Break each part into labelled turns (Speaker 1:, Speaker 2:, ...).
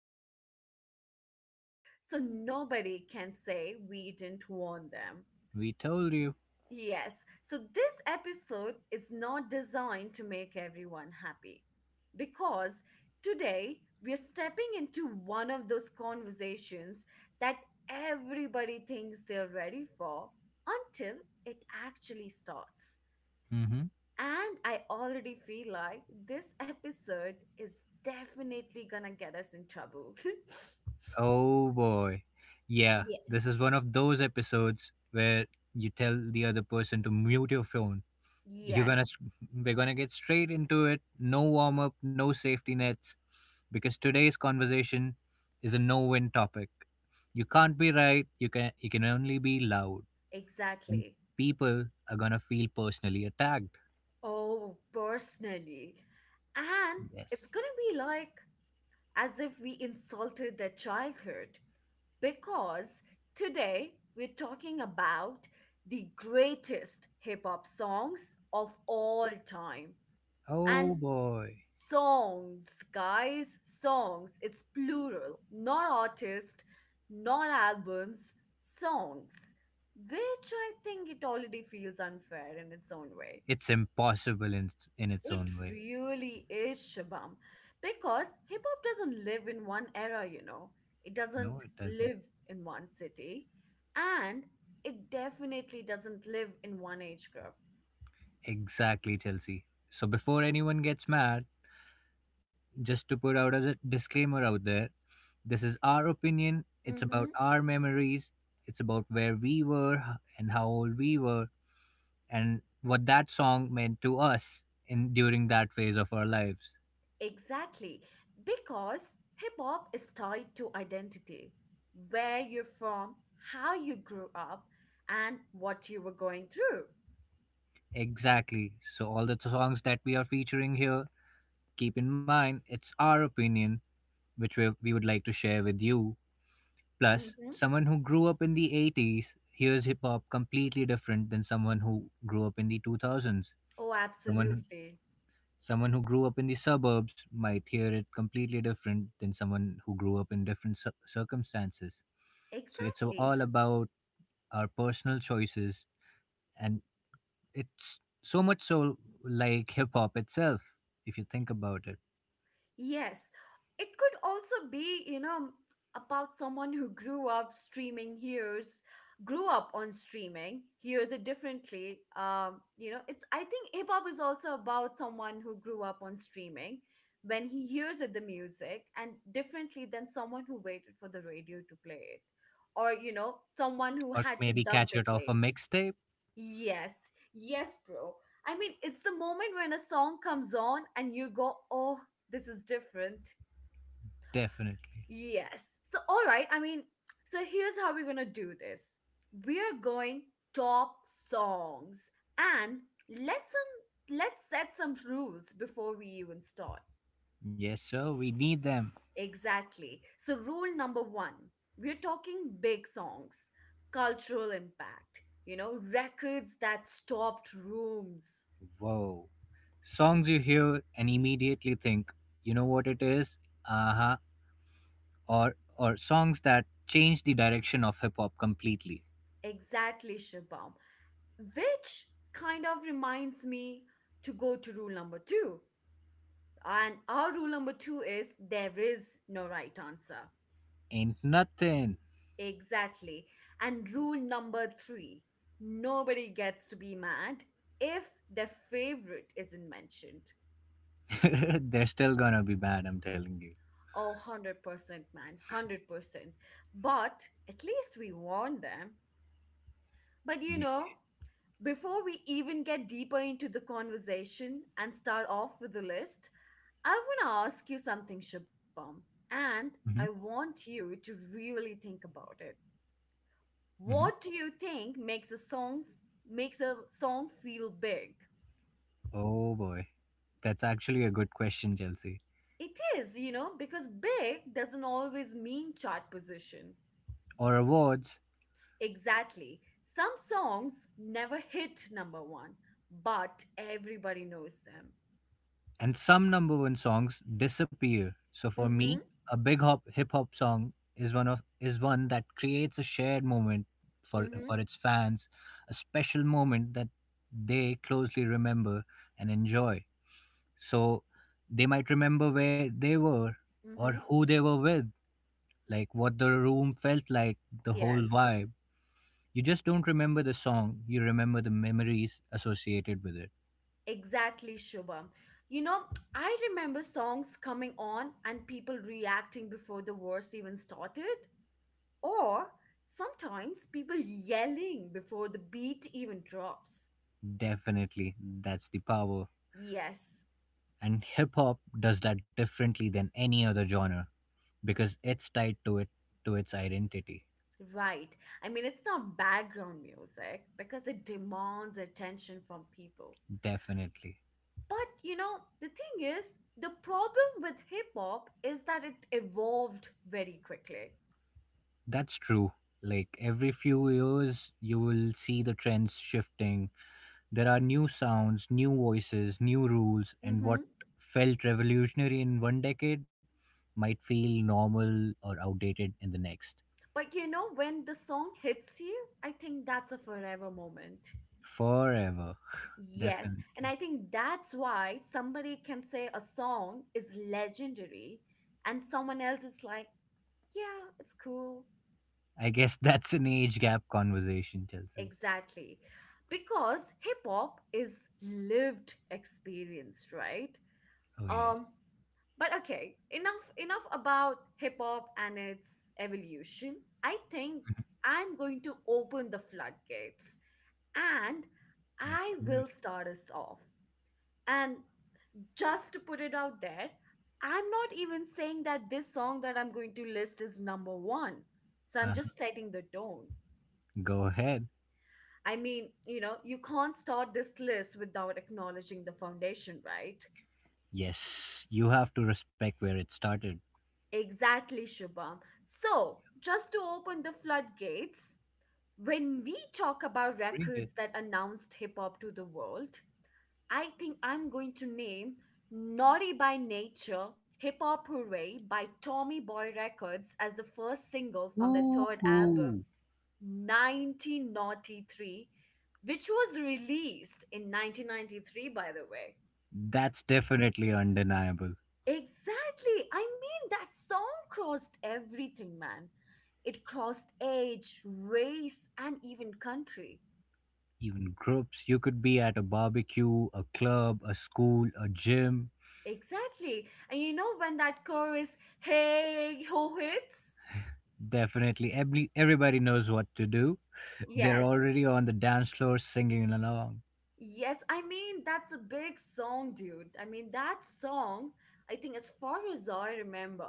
Speaker 1: just want to say this out loud so nobody can say we didn't warn them.
Speaker 2: We told you.
Speaker 1: Yes. So this episode is not designed to make everyone happy because today we're stepping into one of those conversations that everybody thinks they're ready for until it actually starts.
Speaker 2: hmm
Speaker 1: And I already feel like this episode is definitely gonna get us in trouble.
Speaker 2: Oh, boy. Yeah, this
Speaker 1: Yes.
Speaker 2: is one of those episodes where you tell the other person to mute your phone. You're gonna,
Speaker 1: Yes,
Speaker 2: we're gonna get straight into it. No warm up, no safety nets, because today's conversation is a no-win topic. You can't be right. You can only be loud, and
Speaker 1: exactly.
Speaker 2: people are gonna feel personally attacked.
Speaker 1: Oh, personally. And it's
Speaker 2: Yes.
Speaker 1: gonna be like as if we insulted their childhood because today we're talking about the greatest hip hop songs of all time. And
Speaker 2: Oh boy.
Speaker 1: songs, guys, songs. It's plural, not artist, not albums, songs. Which I think it already feels unfair in its own way.
Speaker 2: It's impossible in its
Speaker 1: It
Speaker 2: own way.
Speaker 1: really is, Shabam. Because hip hop doesn't live in one era, you know. It
Speaker 2: No,
Speaker 1: doesn't
Speaker 2: it doesn't.
Speaker 1: live in one city. And it definitely doesn't live in one age group.
Speaker 2: Exactly, Chelsea. So before anyone gets mad, just to put out a disclaimer out there, this is our opinion. It's
Speaker 1: Mm-hmm.
Speaker 2: about our memories. It's about where we were h- and how old we were and what that song meant to us in during that phase of our lives.
Speaker 1: Exactly. Because hip hop is tied to identity, where you're from, how you grew up, and what you were going through.
Speaker 2: Exactly. So all the songs that we are featuring here, keep in mind it's our opinion which we would like to share with you. Plus,
Speaker 1: Mm-hmm.
Speaker 2: someone who grew up in the 80s hears hip hop completely different than someone who grew up in the 2000s.
Speaker 1: Oh,
Speaker 2: Someone
Speaker 1: absolutely.
Speaker 2: someone who grew up in the suburbs might hear it completely different than someone who grew up in different circumstances. So it's
Speaker 1: Exactly.
Speaker 2: all about our personal choices, and it's so much so like hip hop itself, if you think about it.
Speaker 1: Yes, it could also be, about someone who grew up streaming, hears, grew up on streaming, hears it differently. I think hip hop is also about someone who grew up on streaming when he hears it, the music, and differently than someone who waited for the radio to play it. Or, someone who
Speaker 2: Or
Speaker 1: had to
Speaker 2: maybe
Speaker 1: dub
Speaker 2: catch
Speaker 1: the
Speaker 2: it off a
Speaker 1: tapes.
Speaker 2: mixtape.
Speaker 1: Yes, yes, bro. I mean, it's the moment when a song comes on and you go, oh, this is different.
Speaker 2: Definitely
Speaker 1: Yes. So, all right, I mean, so here's how we're gonna do this. We are going top songs. And let's set some rules before we even start.
Speaker 2: yes sir, we need them.
Speaker 1: Exactly. So, rule number one, we're talking big songs, cultural impact, records that stopped rooms.
Speaker 2: Whoa. Songs you hear and immediately think, you know what it is? Uh-huh. Or songs that change the direction of hip hop completely.
Speaker 1: Exactly, Shubham. Which kind of reminds me to go to rule number two. And our rule number two is there is no right answer.
Speaker 2: Ain't nothing.
Speaker 1: Exactly. And rule number three, nobody gets to be mad if their favorite isn't mentioned.
Speaker 2: They're still gonna be bad, I'm telling you.
Speaker 1: Oh, 100%, man. 100%. But at least we warn them. But before we even get deeper into the conversation and start off with the list, I want to ask you something, Shabam, and I
Speaker 2: Mm-hmm.
Speaker 1: want you to really think about it.
Speaker 2: Mm-hmm.
Speaker 1: What do you think makes a song feel big?
Speaker 2: Oh boy. That's actually a good question, Chelsea.
Speaker 1: It is, you know, because big doesn't always mean chart position.
Speaker 2: Or awards.
Speaker 1: Exactly. Some songs never hit number one, but everybody knows them.
Speaker 2: And some number one songs disappear. So for me,
Speaker 1: Mhm.
Speaker 2: a big hop hip hop song is one of is one that creates a shared moment for
Speaker 1: Mhm.
Speaker 2: its fans, a special moment that they closely remember and enjoy. So they might remember where they were or
Speaker 1: Mhm.
Speaker 2: who they were with, like what the room felt like, the whole
Speaker 1: Yes.
Speaker 2: vibe. You just don't remember the song, you remember the memories associated with it.
Speaker 1: Exactly, Shubham. You know, I remember songs coming on and people reacting before the verse even started, or sometimes people yelling before the beat even drops.
Speaker 2: Definitely, that's the power,
Speaker 1: Yes,
Speaker 2: and hip hop does that differently than any other genre because it's tied to it to its identity.
Speaker 1: right. I mean, it's not background music because it demands attention from people.
Speaker 2: Definitely.
Speaker 1: But, the thing is, the problem with hip hop is that it evolved very quickly.
Speaker 2: That's true, like every few years you will see the trends shifting. There are new sounds, new voices, new rules, and what
Speaker 1: Mm-hmm.
Speaker 2: felt revolutionary in one decade might feel normal or outdated in the next.
Speaker 1: But you know, when the song hits you, I think that's a forever moment.
Speaker 2: Forever.
Speaker 1: Yes. And
Speaker 2: definitely.
Speaker 1: I think that's why somebody can say a song is legendary and someone else is like, yeah, it's cool.
Speaker 2: I guess that's an age gap conversation, Chelsea.
Speaker 1: Exactly. Because hip hop is lived experience, right?
Speaker 2: Oh yes.
Speaker 1: Um, but okay, enough about hip hop and its evolution. I think I'm going to open the floodgates. And
Speaker 2: let's
Speaker 1: I
Speaker 2: do
Speaker 1: will start us off. And just to put it out there, I'm not even saying that this song that I'm going to list is number one. So I'm
Speaker 2: it.
Speaker 1: just setting the tone.
Speaker 2: Go ahead.
Speaker 1: I mean, you know, you can't start this list without acknowledging the foundation, right?
Speaker 2: Yes, you have to respect where it started.
Speaker 1: Exactly, Shubham. So, just to open the floodgates, when we talk about
Speaker 2: Drink it.
Speaker 1: records that announced hip hop to the world, I think I'm going to name Naughty by Nature Hip Hop Hooray by Tommy Boy Records as the first single from their third album,
Speaker 2: Woohoo!
Speaker 1: 1993, which was released in 1993, by the way.
Speaker 2: That's definitely undeniable.
Speaker 1: Exactly. I mean, that song crossed everything, man. It crossed age, race, and even country.
Speaker 2: Even groups, you could be at a barbecue, a club, a school, a gym.
Speaker 1: Exactly. And you know when that chorus, hey ho hits?
Speaker 2: Definitely, everybody knows what to do. They're
Speaker 1: Yes,
Speaker 2: already on the dance floor singing along.
Speaker 1: yes, I mean, that's a big song, dude. I mean, that song, I think, as far as I remember,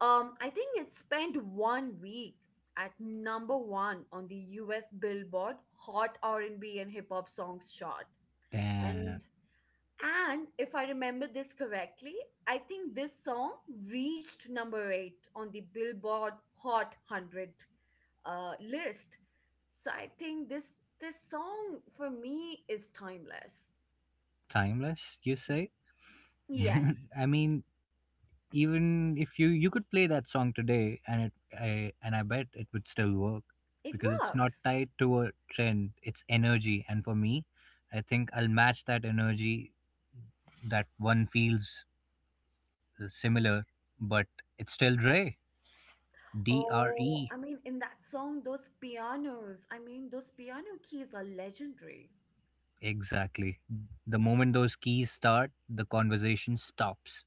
Speaker 1: I think it spent 1 week at number one on the US Billboard Hot R&B and B and Hip Hop Songs chart. And
Speaker 2: Damn.
Speaker 1: and if I remember this correctly, I think this song reached number eight on the Billboard Hot 100 list. So I think this song for me is timeless.
Speaker 2: Timeless, you say?
Speaker 1: Yes,
Speaker 2: I mean, even if you could play that song today and I bet it would still work
Speaker 1: it
Speaker 2: because it's not
Speaker 1: works.
Speaker 2: tied to a trend, it's energy. And for me, I think I'll match that energy. That one feels similar, but it's still Dre. D R
Speaker 1: Oh,
Speaker 2: E.
Speaker 1: I mean, in that song, those pianos, I mean, those piano keys are legendary.
Speaker 2: Exactly. The moment those keys start, the conversation stops.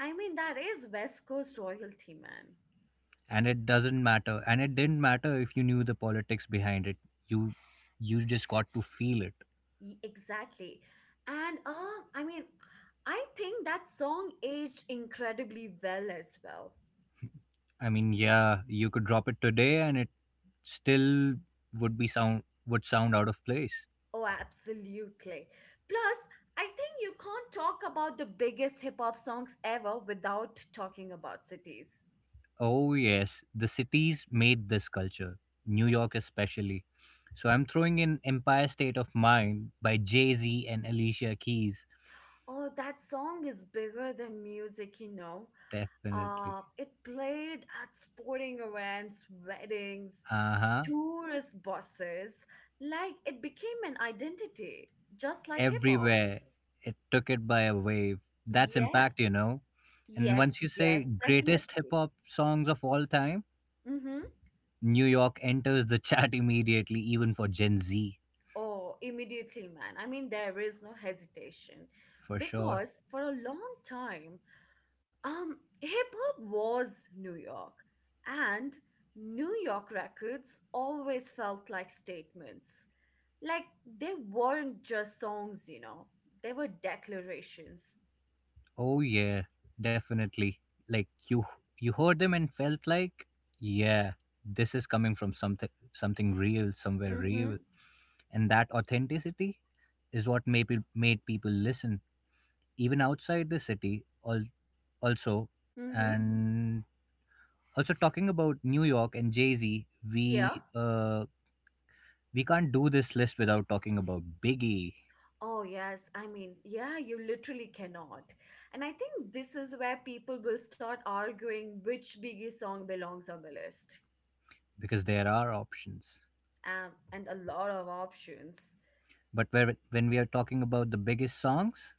Speaker 1: I mean, that is West Coast royalty, man.
Speaker 2: And it didn't matter if you knew the politics behind it, you you just got to feel it.
Speaker 1: Exactly. And I mean, I think that song aged incredibly well as well.
Speaker 2: I mean, yeah, you could drop it today and it still would sound out of place.
Speaker 1: Oh, absolutely. Plus, I think you can't talk about the biggest hip hop songs ever without talking about cities.
Speaker 2: Oh yes, the cities made this culture, New York especially. So I'm throwing in Empire State of Mind by Jay-Z and Alicia Keys,
Speaker 1: Oh, that song is bigger than music, you know.
Speaker 2: definitely.
Speaker 1: It played at sporting events, weddings,
Speaker 2: Uh-huh.
Speaker 1: tourist buses. Like it became an identity, just like hip hop.
Speaker 2: Everywhere, it took it by a wave. That's
Speaker 1: Yes,
Speaker 2: impact, you know. And
Speaker 1: yes,
Speaker 2: once you say
Speaker 1: yes,
Speaker 2: greatest hip
Speaker 1: definitely.
Speaker 2: hop songs of all time,
Speaker 1: Mm-hmm.
Speaker 2: New York enters the chat immediately, even for Gen Z,
Speaker 1: Oh, immediately, man. I mean, there is no hesitation
Speaker 2: for sure.
Speaker 1: because for a long time, hip hop was New York, and New York records always felt like statements. Like they weren't just songs, you know, they were declarations.
Speaker 2: Oh yeah, definitely. Like you heard them and felt like, yeah, this is coming from something real, somewhere real.
Speaker 1: Mm-hmm.
Speaker 2: And that authenticity is what made people listen even outside the city, also.
Speaker 1: Mm-hmm.
Speaker 2: And also talking about New York and Jay-Z,
Speaker 1: Yeah.
Speaker 2: we uh we can't do this list without talking about Biggie,
Speaker 1: Oh, yes. I mean, yeah, you literally cannot. And I think this is where people will start arguing which Biggie song belongs on the list.
Speaker 2: because there are options.
Speaker 1: And a lot of options.
Speaker 2: But where, when we are talking about the biggest songs.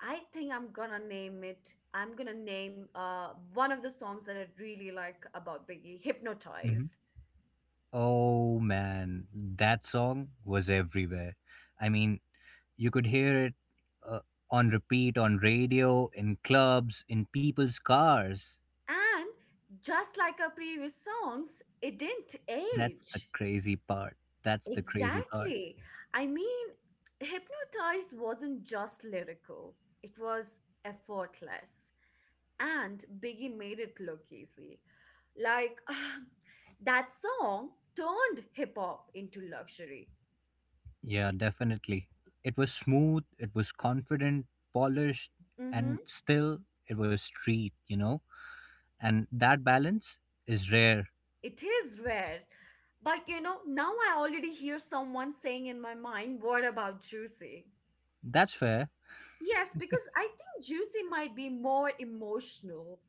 Speaker 1: I think I'm gonna name it. I'm gonna name one of the songs that I really like about Biggie,
Speaker 2: Mhm.
Speaker 1: Hypnotize.
Speaker 2: Oh man, that song was everywhere. I mean, you could hear it uh, on repeat on radio, in clubs, in people's cars.
Speaker 1: And just like our previous songs, it didn't
Speaker 2: That's the
Speaker 1: age.
Speaker 2: crazy part. That's the crazy part.
Speaker 1: Exactly. I mean, Hypnotize wasn't just lyrical, it was effortless. And Biggie made it look easy. Like, that song turned hip hop into luxury.
Speaker 2: Yeah, definitely. It was smooth, it was confident, polished,
Speaker 1: Mm-hmm.
Speaker 2: and still it was street, you know? And that balance is rare.
Speaker 1: It is rare. But you know, now I already hear someone saying in my mind, what about Juicy?
Speaker 2: That's fair,
Speaker 1: Yes, because I think Juicy might be more emotional.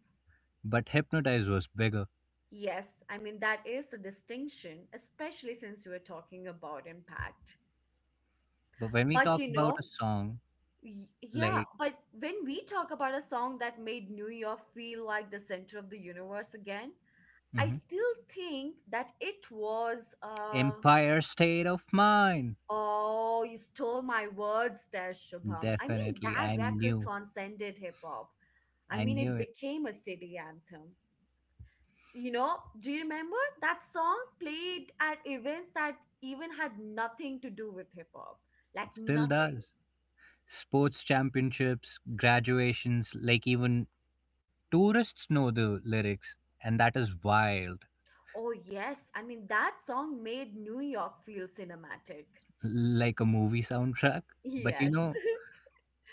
Speaker 2: but Hypnotize was bigger.
Speaker 1: Yes, I mean, that is the distinction, especially since we are talking about impact.
Speaker 2: But when we
Speaker 1: But
Speaker 2: talk
Speaker 1: you
Speaker 2: about
Speaker 1: know,
Speaker 2: a song
Speaker 1: y- yeah,
Speaker 2: like,
Speaker 1: but when we talk about a song that made New York feel like the center of the universe again, I
Speaker 2: Mhm,
Speaker 1: still think that it was
Speaker 2: Empire State of Mind.
Speaker 1: Oh, you stole my words there, Shubham. I mean,
Speaker 2: Definitely.
Speaker 1: that
Speaker 2: I
Speaker 1: record
Speaker 2: knew.
Speaker 1: transcended hip hop. I
Speaker 2: I
Speaker 1: mean,
Speaker 2: knew
Speaker 1: it
Speaker 2: it.
Speaker 1: became a city anthem. You know, do you remember that song played at events that even had nothing to do with hip hop? Like
Speaker 2: It still
Speaker 1: nothing.
Speaker 2: does. Sports championships, graduations, like even tourists know the lyrics. And that is wild.
Speaker 1: Oh, yes. I mean, that song made New York feel cinematic.
Speaker 2: Like a movie soundtrack. But you
Speaker 1: Yes.
Speaker 2: know,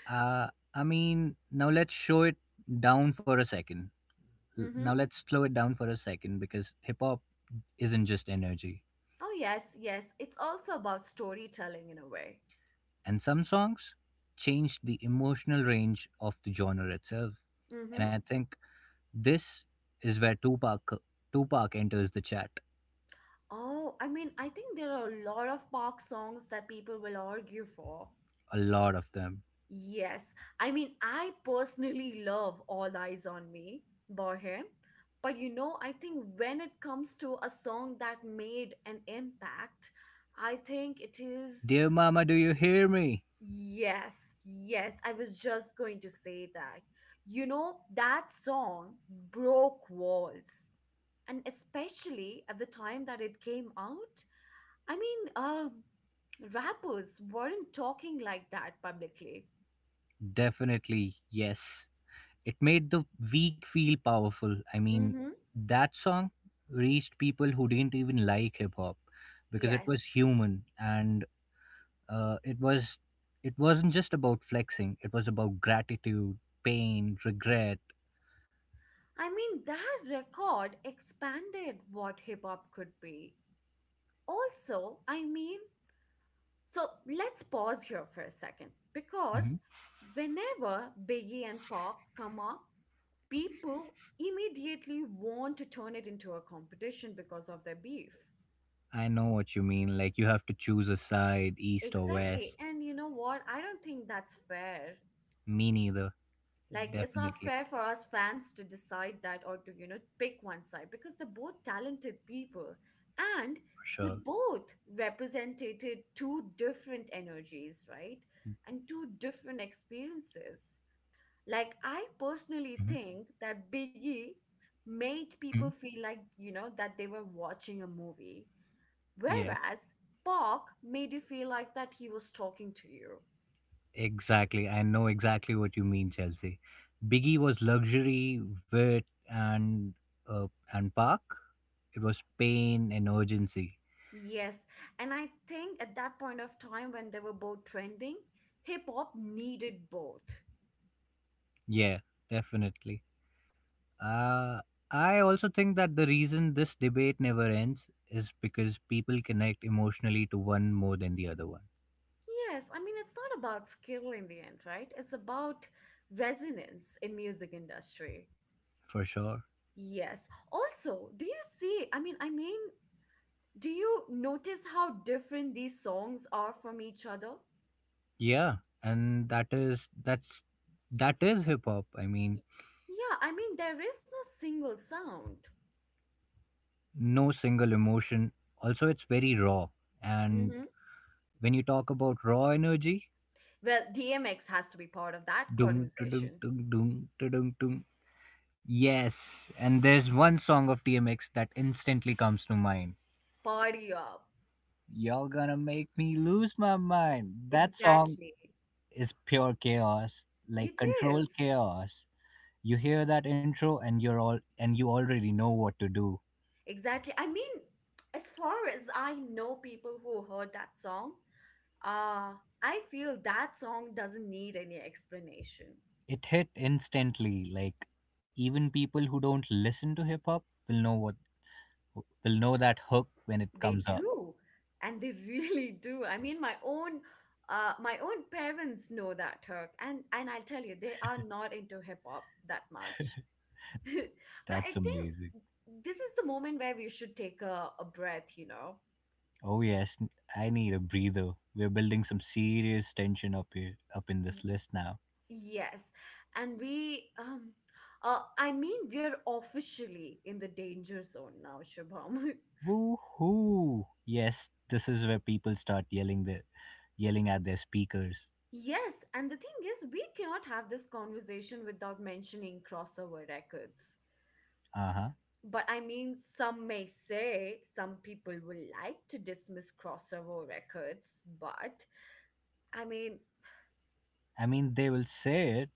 Speaker 2: uh, I mean, now let's show it down for a second. L- Now
Speaker 1: Mm-hmm.
Speaker 2: let's slow it down for a second, because hip hop isn't just energy.
Speaker 1: Oh, yes, yes. It's also about storytelling in a way.
Speaker 2: And some songs changed the emotional range of the genre itself. And
Speaker 1: Mm-hmm.
Speaker 2: I think this is where Tupac enters the chat.
Speaker 1: Oh, I mean, I think there are a lot of Park songs that people will argue for.
Speaker 2: A lot of them.
Speaker 1: Yes, I mean, I personally love All Eyes on Me by him. But you know, I think when it comes to a song that made an impact, I think it is.
Speaker 2: Dear mama, do you hear me?
Speaker 1: Yes, yes, I was just going to say that. You know, that song broke walls. And especially at the time that it came out, I mean, rappers weren't talking like that publicly.
Speaker 2: Definitely, yes. It made the weak feel powerful. I mean,
Speaker 1: Mm-hmm.
Speaker 2: that song reached people who didn't even like hip hop because it was
Speaker 1: Yes.
Speaker 2: human, and uh, it was it wasn't just about flexing. It was about gratitude, pain, regret.
Speaker 1: I mean, that record expanded what hip hop could be. Also, I mean, so let's pause here for a second because
Speaker 2: Mhm.
Speaker 1: whenever Biggie and Pac come up, people immediately want to turn it into a competition because of their beef.
Speaker 2: I know what you mean. Like you have to choose a side, east or
Speaker 1: Exactly.
Speaker 2: west.
Speaker 1: And you know what? I don't think that's fair.
Speaker 2: Me neither.
Speaker 1: Like it's not
Speaker 2: Definitely,
Speaker 1: fair for us fans to decide that or to, you know, pick one side because they're both talented people and
Speaker 2: for
Speaker 1: they
Speaker 2: sure.
Speaker 1: both represented two different energies, right? And two different experiences. Like I personally
Speaker 2: Mhm,
Speaker 1: think that Biggie made
Speaker 2: mhm.
Speaker 1: people feel like, you know, that they were watching a movie.
Speaker 2: Yeah,
Speaker 1: Whereas Park made you feel like that he was talking to you.
Speaker 2: exactly. I know exactly what you mean, Chelsea. Biggie was luxury, wit, uh, and park. It was pain and urgency.
Speaker 1: Yes, and I think at that point of time when they were both trending, hip hop needed both.
Speaker 2: Yeah, definitely. Uh, I also think that the reason this debate never ends is because people connect emotionally to one more than the other one,
Speaker 1: Yes, I mean it's not about skill in the end, right? It's about resonance in music industry.
Speaker 2: for sure.
Speaker 1: Yes. Also, do you see, I mean, do you notice how different these songs are from each other?
Speaker 2: Yeah, and that is hip hop. I mean,
Speaker 1: Y- Yeah, I mean, there is no single sound.
Speaker 2: no single emotion. Also, it's very raw. And
Speaker 1: Mm-hmm.
Speaker 2: when you talk about raw energy,
Speaker 1: Well, DMX has to be part of that
Speaker 2: dum dum
Speaker 1: conversation.
Speaker 2: dum dum dum, yes, and there's one song of DMX that instantly comes to mind.
Speaker 1: Party up.
Speaker 2: You're gonna make me lose my mind. That song
Speaker 1: Exactly.
Speaker 2: is pure chaos, like
Speaker 1: It
Speaker 2: controlled
Speaker 1: is.
Speaker 2: chaos. You hear that intro and you're all and you already know what to do.
Speaker 1: Exactly. I mean, as far as I know people who heard that song, uh, I feel that song doesn't need any explanation.
Speaker 2: It hit instantly, like even people who don't listen to hip hop will know what we'll know that hook when it
Speaker 1: They
Speaker 2: comes up.
Speaker 1: do. And they really do. I mean, my own parents know that Turk, and I'll tell you, they are not into hip hop that much. But I
Speaker 2: That's
Speaker 1: think
Speaker 2: amazing.
Speaker 1: this is the moment where we should take a breath, you know.
Speaker 2: Oh yes, I need a breather. We're building some serious tension up here, up in this list now.
Speaker 1: Yes, and we're officially in the danger zone now, Shubham.
Speaker 2: Woohoo! Yes, this is where people start yelling at their speakers.
Speaker 1: Yes, and the thing is, we cannot have this conversation without mentioning crossover records.
Speaker 2: Uh huh.
Speaker 1: But I mean, some may say some people will like to dismiss crossover records, I mean,
Speaker 2: I mean, they will say it.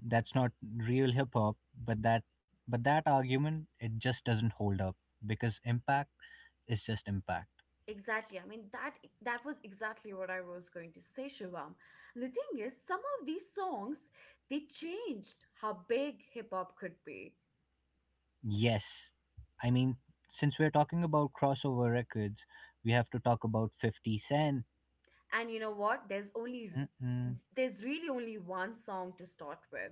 Speaker 2: That's not real hip hop, but that argument, it just doesn't hold up because impact is just impact.
Speaker 1: Exactly. I mean that was exactly what I was going to say, Shivam. And the thing is, some of these songs they changed how big hip hop could be.
Speaker 2: Yes. I mean, since we're talking about crossover records, we have to talk about 50 Cent.
Speaker 1: And you know what?
Speaker 2: Mm-mm.
Speaker 1: There's really only one song to start with.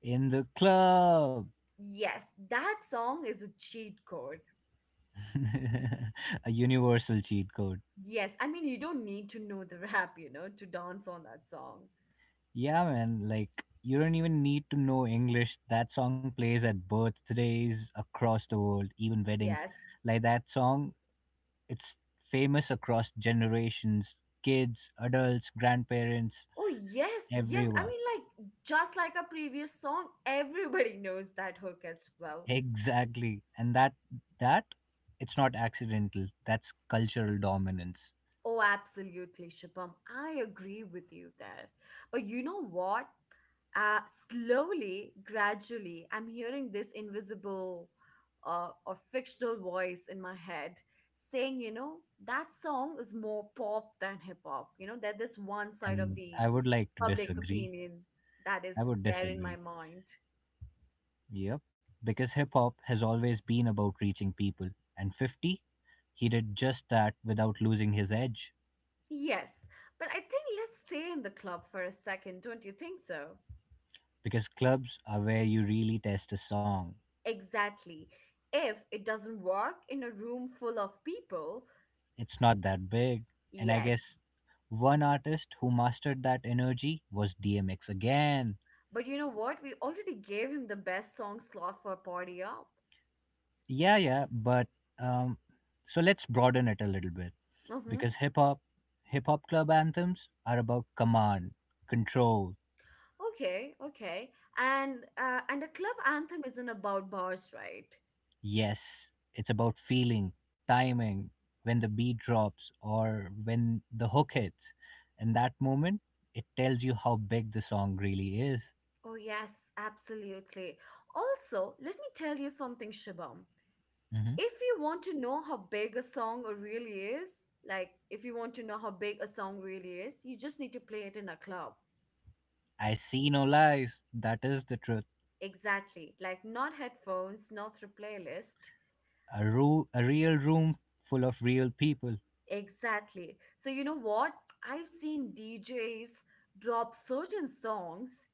Speaker 2: In the club.
Speaker 1: Yes, that song is a cheat code.
Speaker 2: A universal cheat code.
Speaker 1: Yes, I mean you don't need to know the rap to dance on that song.
Speaker 2: Yeah, man. Like, you don't even need to know English. That song plays at birthdays across the world, even weddings.
Speaker 1: Yes.
Speaker 2: Like, that song, it's famous across generations, kids, adults, grandparents,
Speaker 1: Oh yes, yes. I
Speaker 2: everyone.
Speaker 1: mean like just like a previous song, everybody knows that hook as well.
Speaker 2: Exactly. And that that it's not accidental. That's cultural dominance.
Speaker 1: Oh, absolutely, Shubham. I agree with you there. But you know what? Uh, Slowly, gradually, I'm hearing this invisible or fictional voice in my head saying, that song is more pop than hip hop. You know, that this one side of
Speaker 2: And
Speaker 1: the
Speaker 2: I would like to
Speaker 1: public
Speaker 2: disagree.
Speaker 1: opinion that is
Speaker 2: I would
Speaker 1: there in my
Speaker 2: disagree.
Speaker 1: mind.
Speaker 2: Yep. Because hip hop has always been about reaching people. And 50, he did just that without losing his edge.
Speaker 1: Yes, but I think let's stay in the club for a second, don't you think so?
Speaker 2: Because clubs are where you really test a song.
Speaker 1: Exactly. If it doesn't work in a room full of people,
Speaker 2: It's not that big. And I guess
Speaker 1: yes.
Speaker 2: one artist who mastered that energy was DMX again.
Speaker 1: But you know what? We already gave him the best song slot for Party Up.
Speaker 2: Yeah, but um, so let's broaden it a little bit.
Speaker 1: Mm-hmm.
Speaker 2: Because hip hop club anthems are about command, control,
Speaker 1: Okay, okay. And a club anthem isn't about bars, right?
Speaker 2: yes. It's about feeling, timing, when the beat drops or when the hook hits. In that moment, it tells you how big the song really is.
Speaker 1: Oh yes, absolutely. Also, let me tell you something, Shubham.
Speaker 2: Hmm.
Speaker 1: If you want to know how big a song really is, like if you want to know how big a song really is, you just need to play it in a club.
Speaker 2: I see no lies. That is the truth.
Speaker 1: Exactly. Like not headphones, not through playlist.
Speaker 2: A real room full of real people.
Speaker 1: Exactly. So you know what? I've seen DJs drop certain songs,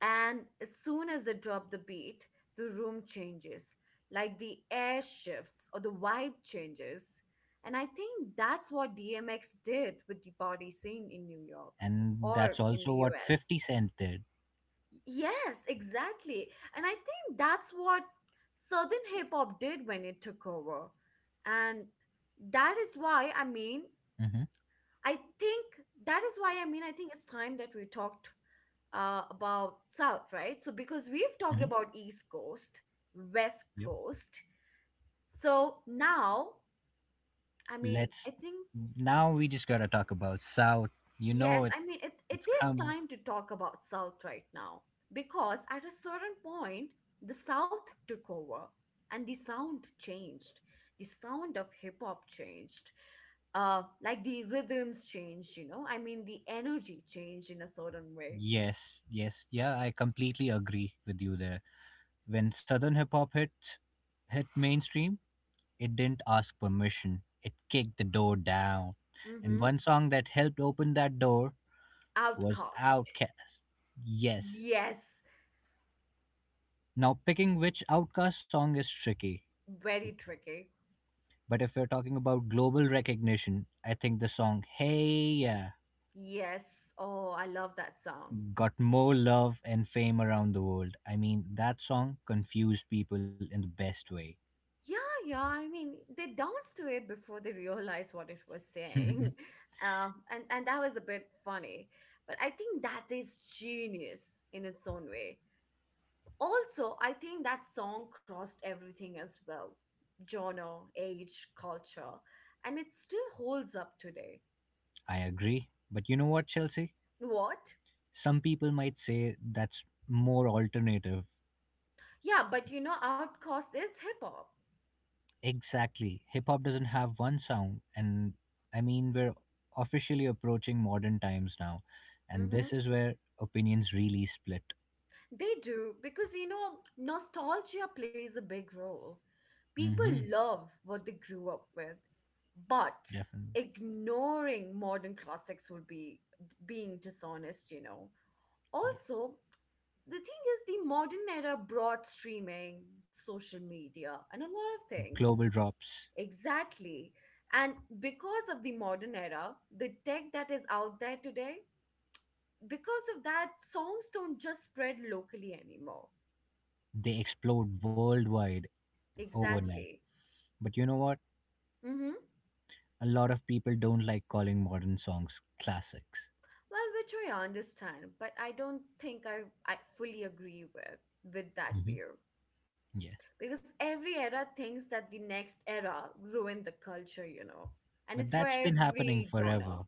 Speaker 1: and as soon as they drop the beat, the room changes. Like the air shifts or the vibe changes. And I think that's what DMX did with the party scene in New York
Speaker 2: And that's
Speaker 1: or in the
Speaker 2: also what
Speaker 1: US.
Speaker 2: 50 Cent did.
Speaker 1: Yes, exactly. And I think that's what Southern hip hop did when it took over. And that is why, I mean,
Speaker 2: Hmm.
Speaker 1: I think that is why, I mean, I think it's time that we talked about South, right? So, because we've talked
Speaker 2: Hmm.
Speaker 1: about East Coast, West
Speaker 2: Yep.
Speaker 1: Coast. So now, I mean,
Speaker 2: Let's.
Speaker 1: I think.
Speaker 2: Now we just gotta talk about South. You know,
Speaker 1: Yes, I mean it
Speaker 2: it's
Speaker 1: is
Speaker 2: coming.
Speaker 1: time to talk about South right now because at a certain point the South took over and the sound changed. The sound of hip hop changed. Uh, like the rhythms changed, you know. I mean the energy changed in a certain way.
Speaker 2: Yes, yes, yeah, I completely agree with you there. When Southern hip hop hit mainstream, it didn't ask permission. It kicked the door down. And
Speaker 1: Mm-hmm.
Speaker 2: one song that helped open that door was
Speaker 1: Outcast.
Speaker 2: Outkast. Yes.
Speaker 1: Yes.
Speaker 2: Now picking which Outkast song is tricky.
Speaker 1: Very tricky.
Speaker 2: But if we're talking about global recognition, I think the song Hey Yeah
Speaker 1: Yes. Oh, I love that song.
Speaker 2: got more love and fame around the world. I mean, that song confused people in the best way.
Speaker 1: Yeah, yeah. I mean, they danced to it before they realized what it was saying, and that was a bit funny. But I think that is genius in its own way. Also, I think that song crossed everything as well, genre, age, culture, and it still holds up today.
Speaker 2: I agree. But you know what, Chelsea?
Speaker 1: What?
Speaker 2: Some people might say that's more alternative.
Speaker 1: Yeah, but you know, Outkast is hip hop.
Speaker 2: Exactly. Hip hop doesn't have one sound. And I mean, we're officially approaching modern times now. And
Speaker 1: Mm-hmm.
Speaker 2: this is where opinions really split.
Speaker 1: They do, because you know, nostalgia plays a big role.
Speaker 2: Mm
Speaker 1: People
Speaker 2: hmm.
Speaker 1: love what they grew up with, but
Speaker 2: Definitely.
Speaker 1: ignoring modern classics would be being dishonest, you know.
Speaker 2: Yes.
Speaker 1: Also, the thing is, the modern era brought streaming, social media, and a lot of things.
Speaker 2: Global drops,
Speaker 1: Exactly. And because of the modern era, the tech that is out there today, because of that, songs don't just spread locally anymore.
Speaker 2: they explode worldwide overnight.
Speaker 1: Exactly.
Speaker 2: But you know what?
Speaker 1: Mm-hmm.
Speaker 2: A lot of people don't like calling modern songs classics.
Speaker 1: Well, which I understand, but I don't think I fully agree with that
Speaker 2: Hmm.
Speaker 1: view
Speaker 2: Yeah.
Speaker 1: because every era thinks that the next era ruined the culture, you know, and
Speaker 2: But
Speaker 1: it's for
Speaker 2: that's been happening
Speaker 1: every
Speaker 2: forever.
Speaker 1: genre.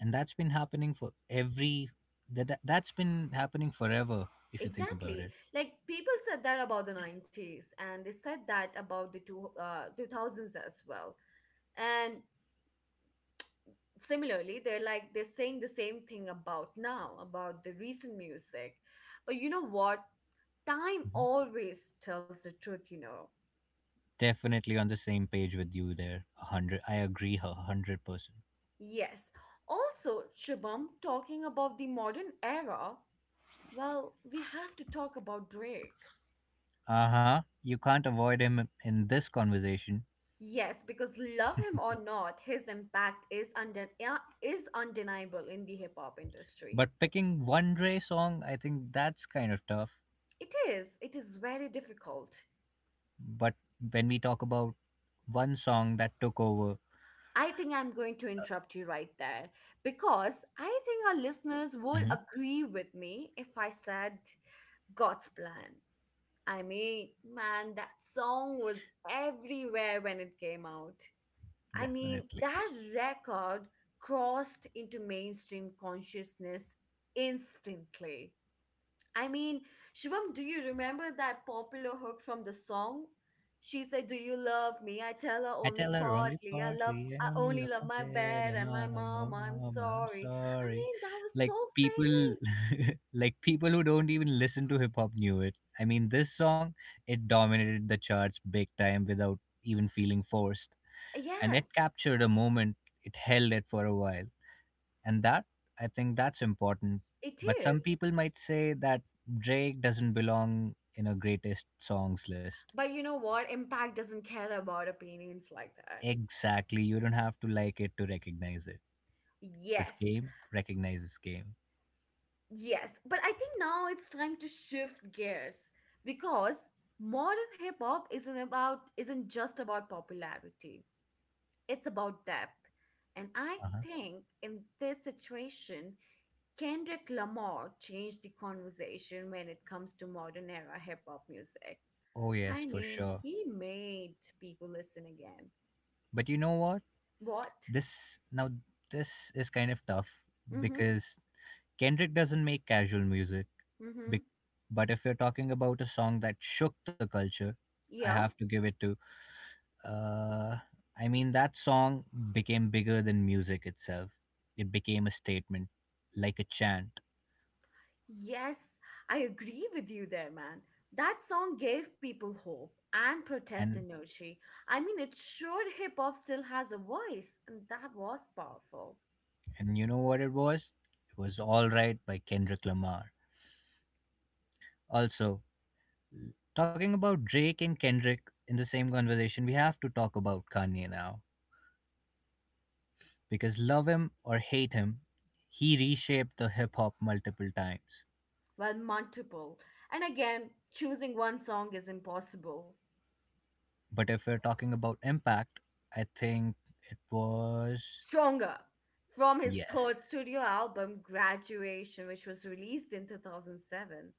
Speaker 2: And that's been happening forever if you think about
Speaker 1: Exactly.
Speaker 2: it.
Speaker 1: Like people said that about the 90s and they said that about the two 2000s as well. And similarly, they're saying the same thing about now, about the recent music. But you know what? Time
Speaker 2: Mhm.
Speaker 1: always tells the truth, you know.
Speaker 2: Definitely on the same page with you there, a 100 I agree her 100%.
Speaker 1: Yes. Also, Shubham, talking about the modern era, well, we have to talk about Drake.
Speaker 2: Uh-huh. You can't avoid him in this conversation.
Speaker 1: Yes, because love him or not, his impact is undeniable in the hip hop industry.
Speaker 2: But picking one Dre song, I think that's kind of tough.
Speaker 1: It is. It is very difficult.
Speaker 2: But when we talk about one song that took over.
Speaker 1: I think I'm going to interrupt you right there because I think our listeners will
Speaker 2: Mhm.
Speaker 1: agree with me if I said God's plan. I mean, man, that song was everywhere when it came out. I mean,
Speaker 2: Definitely.
Speaker 1: that record crossed into mainstream consciousness instantly. I mean, Shivam, do you remember that popular hook from the song? She said, "Do you love me?" I tell her
Speaker 2: I
Speaker 1: only
Speaker 2: tell her only
Speaker 1: partly. I love,
Speaker 2: partly. I
Speaker 1: I
Speaker 2: only
Speaker 1: only
Speaker 2: love
Speaker 1: love
Speaker 2: my
Speaker 1: my
Speaker 2: bed
Speaker 1: bed
Speaker 2: and
Speaker 1: and my
Speaker 2: mom,
Speaker 1: mom.
Speaker 2: oh,
Speaker 1: I'm
Speaker 2: mom, I'm
Speaker 1: sorry. I
Speaker 2: sorry.
Speaker 1: mean, that was so
Speaker 2: Like people,
Speaker 1: famous.
Speaker 2: like people who don't even listen to hip hop knew it. I mean, this song, it dominated the charts big time without even feeling forced, and it
Speaker 1: Yes,
Speaker 2: captured a moment. It held it for a while, and that I think that's important.
Speaker 1: it
Speaker 2: But some
Speaker 1: is.
Speaker 2: people might say that Drake doesn't belong in a greatest songs list.
Speaker 1: But you know what? Impact doesn't care about opinions like that.
Speaker 2: Exactly, you don't have to like it to recognize it. Because
Speaker 1: Yes,
Speaker 2: game recognizes game.
Speaker 1: yes. But I think now it's time to shift gears because modern hip hop isn't just about popularity. It's about depth. And I
Speaker 2: Uh-huh.
Speaker 1: think in this situation, Kendrick Lamar changed the conversation when it comes to modern era hip hop music.
Speaker 2: Oh yes,
Speaker 1: I
Speaker 2: for
Speaker 1: mean,
Speaker 2: sure.
Speaker 1: he made people listen again.
Speaker 2: But you know what?
Speaker 1: What?
Speaker 2: This now this is kind of tough
Speaker 1: Mm-hmm.
Speaker 2: because Kendrick doesn't make casual music.
Speaker 1: Mm-hmm.
Speaker 2: bec- But if you're talking about a song that shook the culture, I
Speaker 1: Yeah.
Speaker 2: have to give it to. Uh, I mean, that song became bigger than music itself. It became a statement, like a chant.
Speaker 1: Yes, I agree with you there, man. That song gave people hope and protest
Speaker 2: And
Speaker 1: energy. I mean, it showed hip hop still has a voice, and that was powerful.
Speaker 2: and you know what it was? It was "All Right" by Kendrick Lamar. Also, talking about Drake and Kendrick in the same conversation, we have to talk about Kanye now. Because love him or hate him, he reshaped the hip hop multiple times.
Speaker 1: Well, multiple. And again, choosing one song is impossible.
Speaker 2: But if we're talking about impact, I think it was.
Speaker 1: Stronger from his
Speaker 2: Yeah,
Speaker 1: third studio album, Graduation, which was released in 2007.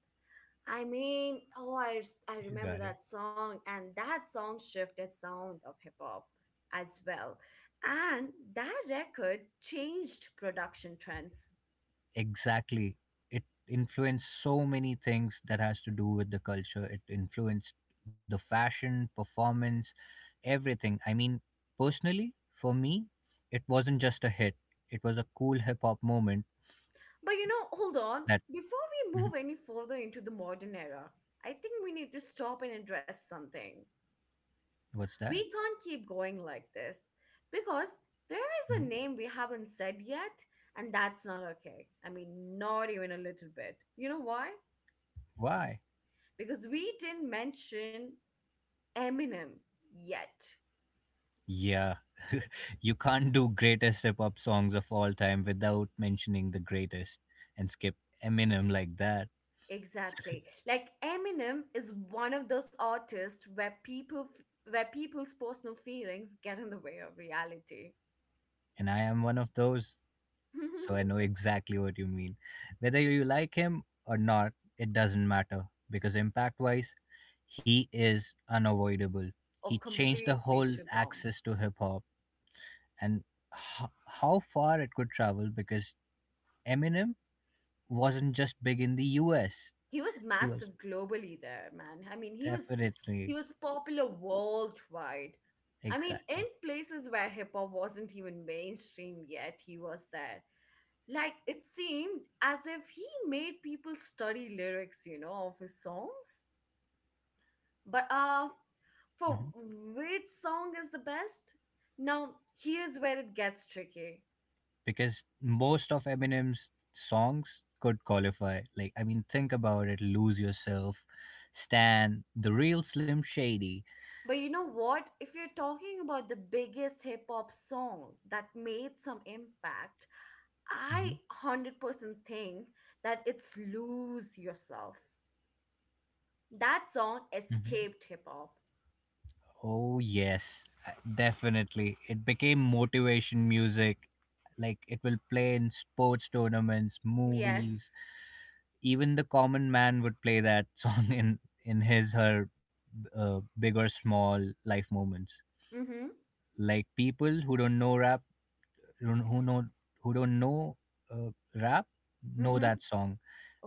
Speaker 1: I
Speaker 2: you
Speaker 1: remember
Speaker 2: got it.
Speaker 1: that song, and that song shifted sound of hip hop as well. And that record changed production trends.
Speaker 2: Exactly. It influenced so many things that has to do with the culture. It influenced the fashion, performance, everything. I mean, personally, for me, it wasn't just a hit. It was a cool hip hop moment
Speaker 1: But you know, hold on,
Speaker 2: that.
Speaker 1: before we
Speaker 2: Mhm.
Speaker 1: move any further into the modern era, I think we need to stop and address something.
Speaker 2: What's that?
Speaker 1: We can't keep going like this because there is a
Speaker 2: Mhm.
Speaker 1: name we haven't said yet, and that's not okay. I mean, not even a little bit. You know why?
Speaker 2: Why?
Speaker 1: Because we didn't mention Eminem yet.
Speaker 2: Yeah. You can't do greatest hip hop songs of all time without mentioning the greatest and skip Eminem like that.
Speaker 1: Exactly. Like Eminem is one of those artists where where people's personal feelings get in the way of reality.
Speaker 2: And I am one of those. So I know exactly what you mean. Whether you like him or not, it doesn't matter because impact wise, he is unavoidable.
Speaker 1: Or
Speaker 2: He changed the
Speaker 1: completely
Speaker 2: whole
Speaker 1: Shubham.
Speaker 2: axis to hip hop and how far it could travel because Eminem wasn't just big in the US,
Speaker 1: He was
Speaker 2: he was
Speaker 1: massive globally there, man. I mean, he was he
Speaker 2: definitely
Speaker 1: was popular worldwide. I mean,
Speaker 2: exactly.
Speaker 1: in places where hip hop wasn't even mainstream yet, he was there. Like it seemed as if he made people study lyrics, you know, of his songs. But for
Speaker 2: Mhm.
Speaker 1: which song is the best? Now, here's where it gets tricky.
Speaker 2: Because most of Eminem's songs could qualify. Like, I mean, think about it. Lose Yourself, Stan, The Real Slim Shady.
Speaker 1: But you know what? If you're talking about the biggest hip hop song that made some impact, I
Speaker 2: Mhm,
Speaker 1: 100% think that it's Lose Yourself. That song
Speaker 2: mhm.
Speaker 1: escaped hip hop.
Speaker 2: Oh, yes, definitely. It became motivation music. Like it will play in sports tournaments, movies.
Speaker 1: Yes.
Speaker 2: Even the common man would play that song in his her big or small life moments.
Speaker 1: Mm hmm.
Speaker 2: Like people who don't know rap who don't- who know who don't know uh, rap know
Speaker 1: Mm hmm.
Speaker 2: that song.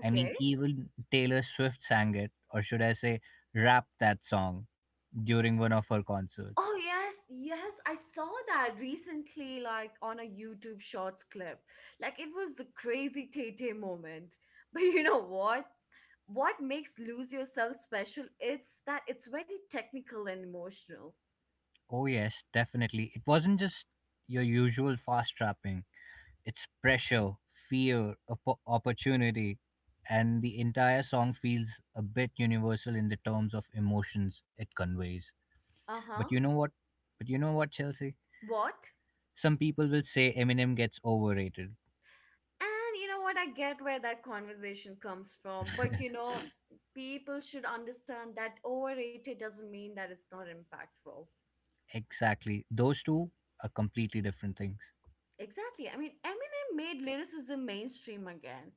Speaker 2: I mean, even Taylor Swift sang it, or should I say, rapped that song during one of her concerts.
Speaker 1: Oh yes, yes, I saw that recently, like on a YouTube Shorts clip. Like it was the crazy Tay moment. But you know what? What makes Lose Yourself special? It's that it's very technical and emotional.
Speaker 2: Oh yes, definitely. It wasn't just your usual fast rapping. It's pressure, fear, opportunity, and the entire song feels a bit universal in the terms of emotions it conveys.
Speaker 1: Uh
Speaker 2: But
Speaker 1: huh.
Speaker 2: you know what? But you know what, Chelsea?
Speaker 1: What?
Speaker 2: Some people will say Eminem gets overrated.
Speaker 1: And you know what? I get where that conversation comes from. But you know, people should understand that overrated doesn't mean that it's not impactful.
Speaker 2: Exactly. Those two are completely different things.
Speaker 1: Exactly. I mean, Eminem made lyricism mainstream again.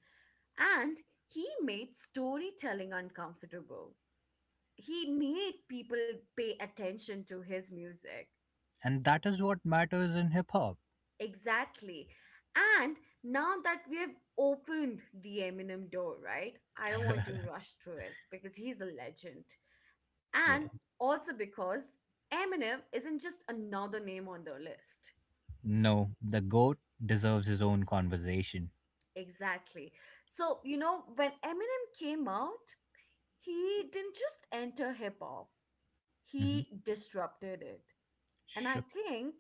Speaker 1: And he made storytelling uncomfortable. He made people pay attention to his music.
Speaker 2: And that is what matters in hip hop.
Speaker 1: Exactly. And now that we have opened the Eminem door, right? I don't want to rush through it because he's a legend.
Speaker 2: Yeah.
Speaker 1: And also because Eminem isn't just another name on the list.
Speaker 2: No, the GOAT deserves his own conversation.
Speaker 1: Exactly. So, you know, when Eminem came out, he didn't just enter hip hop,
Speaker 2: Hmm.
Speaker 1: he disrupted it. And I
Speaker 2: Shook.
Speaker 1: think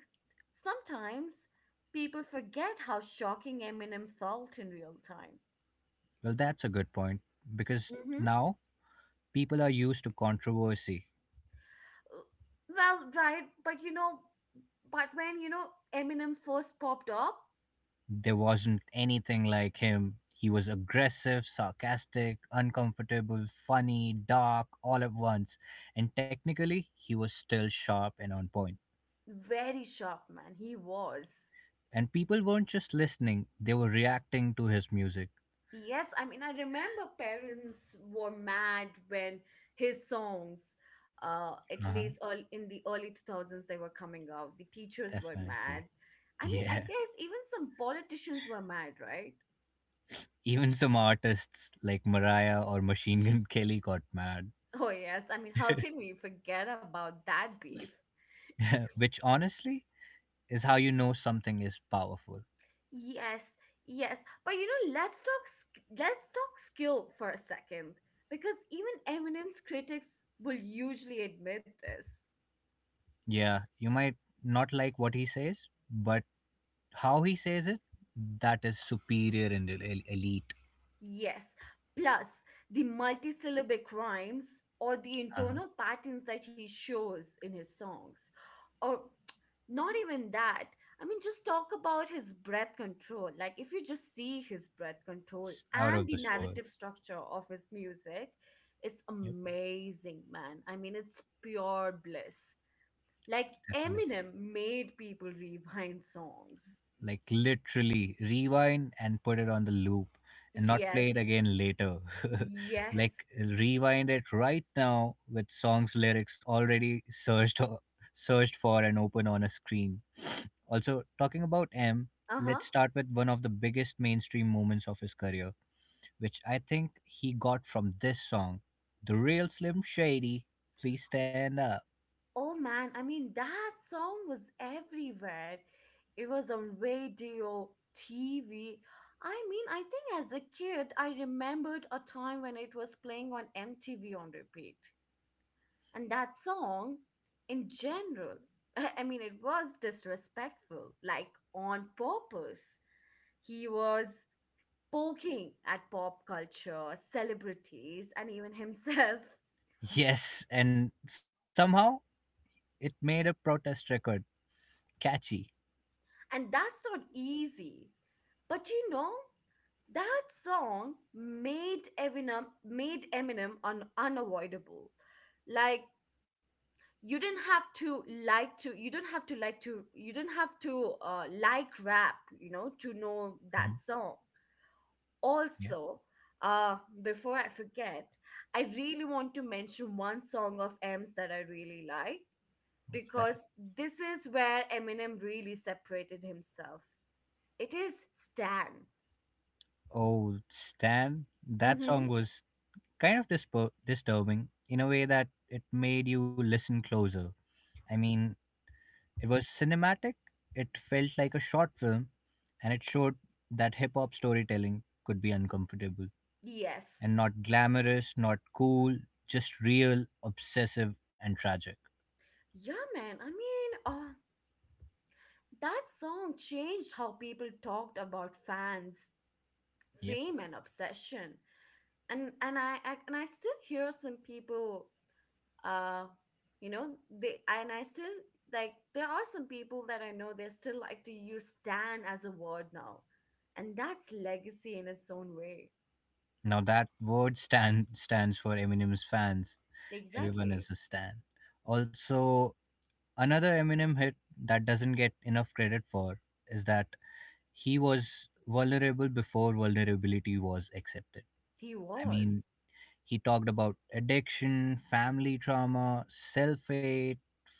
Speaker 1: sometimes people forget how shocking Eminem felt in real time.
Speaker 2: Well, that's a good point because
Speaker 1: Mm-hmm.
Speaker 2: now people are used to controversy.
Speaker 1: Uh, Well, right, but when Eminem first popped up,
Speaker 2: There wasn't anything like him. He was aggressive, sarcastic, uncomfortable, funny, dark, all at once. And technically, he was still sharp and on point.
Speaker 1: very sharp man, he was.
Speaker 2: And people weren't just listening, they were reacting to his music.
Speaker 1: Yes, I mean, I remember parents were mad when his songs, at
Speaker 2: Uh-huh,
Speaker 1: least all in the early 2000s, they were coming out. The teachers were mad.
Speaker 2: definitely.
Speaker 1: I mean, I
Speaker 2: Yeah.
Speaker 1: guess even some politicians were mad, right?
Speaker 2: Even some artists like Mariah or Machine Gun Kelly got mad.
Speaker 1: Oh, yes. I mean, how can we forget about that beef?
Speaker 2: Yeah, which honestly is how you know something is powerful.
Speaker 1: Yes, yes. But you know, let's talk skill for a second because even Eminem's critics will usually admit this.
Speaker 2: Yeah, you might not like what he says, but how he says it, that is superior and elite.
Speaker 1: Yes. Plus, the multisyllabic rhymes or the
Speaker 2: Uh-huh.
Speaker 1: intonal patterns that he shows in his songs, or not even that. I mean just talk about his breath control. Like if you just see his breath control
Speaker 2: Out
Speaker 1: and
Speaker 2: of
Speaker 1: the
Speaker 2: this world.
Speaker 1: narrative structure of his music, it's
Speaker 2: Yep,
Speaker 1: amazing, man. I mean it's pure bliss. Like
Speaker 2: definitely.
Speaker 1: Eminem made people rewind songs.
Speaker 2: Like literally rewind and put it on the loop and not play it
Speaker 1: Yes,
Speaker 2: again later. Like
Speaker 1: yes.
Speaker 2: rewind it right now with songs lyrics already searched for and open on a screen. Also talking about m, let's
Speaker 1: Uh-huh.
Speaker 2: start with one of the biggest mainstream moments of his career, which I think he got from this song, the Real Slim Shady, please stand up.
Speaker 1: Oh man, I mean, that song was everywhere. It was on radio, TV. I mean, I think as a kid, I remembered a time when it was playing on MTV on repeat. And that song, in general, I mean, it was disrespectful, like on purpose. He was poking at pop culture, celebrities, and even himself.
Speaker 2: Yes, and somehow it made a protest record catchy.
Speaker 1: And that's not easy. But you know, that song made Eminem unavoidable. Like you didn't have to like to you don't have to like to you don't have to like rap, you know, to know
Speaker 2: Mhm.
Speaker 1: that song. Also, uh, before I forget, I really want to mention one song of M's that I really like
Speaker 2: What's that?
Speaker 1: because this is where Eminem really separated himself. It is Stan.
Speaker 2: Oh, Stan. That
Speaker 1: Mm-hmm.
Speaker 2: song was kind of disturbing in a way that it made you listen closer. I mean, it was cinematic, it felt like a short film, and it showed that hip hop storytelling could be uncomfortable
Speaker 1: Yes.
Speaker 2: and not glamorous, not cool, just real, obsessive, and tragic.
Speaker 1: Yeah, man. I mean, that song changed how people talked about fans,
Speaker 2: Yep.
Speaker 1: fame, and obsession. And I still hear some people, uh, you know, they and I still like there are some people that I know they still like to use "stan" as a word now, and that's legacy in its own way.
Speaker 2: Now that word Stan stands for Eminem's fans. Everyone
Speaker 1: Exactly,
Speaker 2: is a Stan. Also, another Eminem hit that doesn't get enough credit for is that he was vulnerable before vulnerability was accepted.
Speaker 1: he
Speaker 2: I
Speaker 1: was.
Speaker 2: mean, he talked about addiction, family trauma, self hate,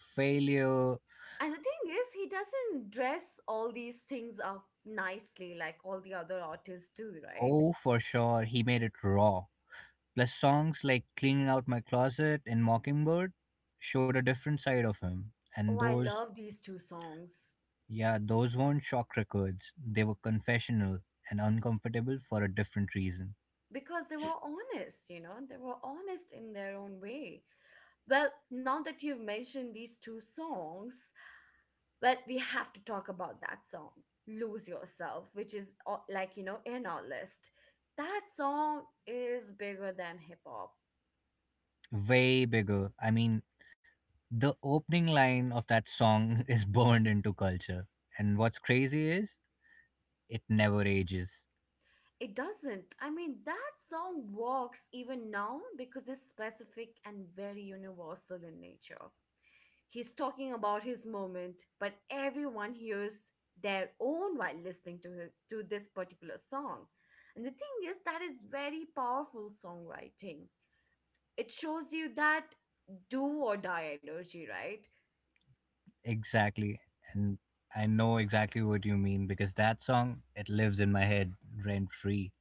Speaker 2: failure.
Speaker 1: And the thing is, he doesn't dress all these things up nicely like all the other artists do, right?
Speaker 2: Oh, for sure, he made it raw. Plus, songs like Cleaning Out My Closet and Mockingbird showed a different side of him. And
Speaker 1: Oh, I
Speaker 2: those,
Speaker 1: love these two songs
Speaker 2: yeah, those weren't shock records, they were confessional and uncomfortable for a different reason.
Speaker 1: because they were honest, they were honest in their own way. Well, now that you've mentioned these two songs, well, we have to talk about that song, Lose Yourself, which is like, in our list. That song is bigger than hip hop.
Speaker 2: Way bigger. I mean, the opening line of that song is burned into culture. And what's crazy is it never ages.
Speaker 1: It doesn't. I mean, that song works even now because it's specific and very universal in nature. He's talking about his moment, but everyone hears their own while listening to to this particular song. And the thing is that is very powerful songwriting. It shows you that do or die energy, right?
Speaker 2: Exactly. And I know exactly what you mean because that song, it lives in my head rent free.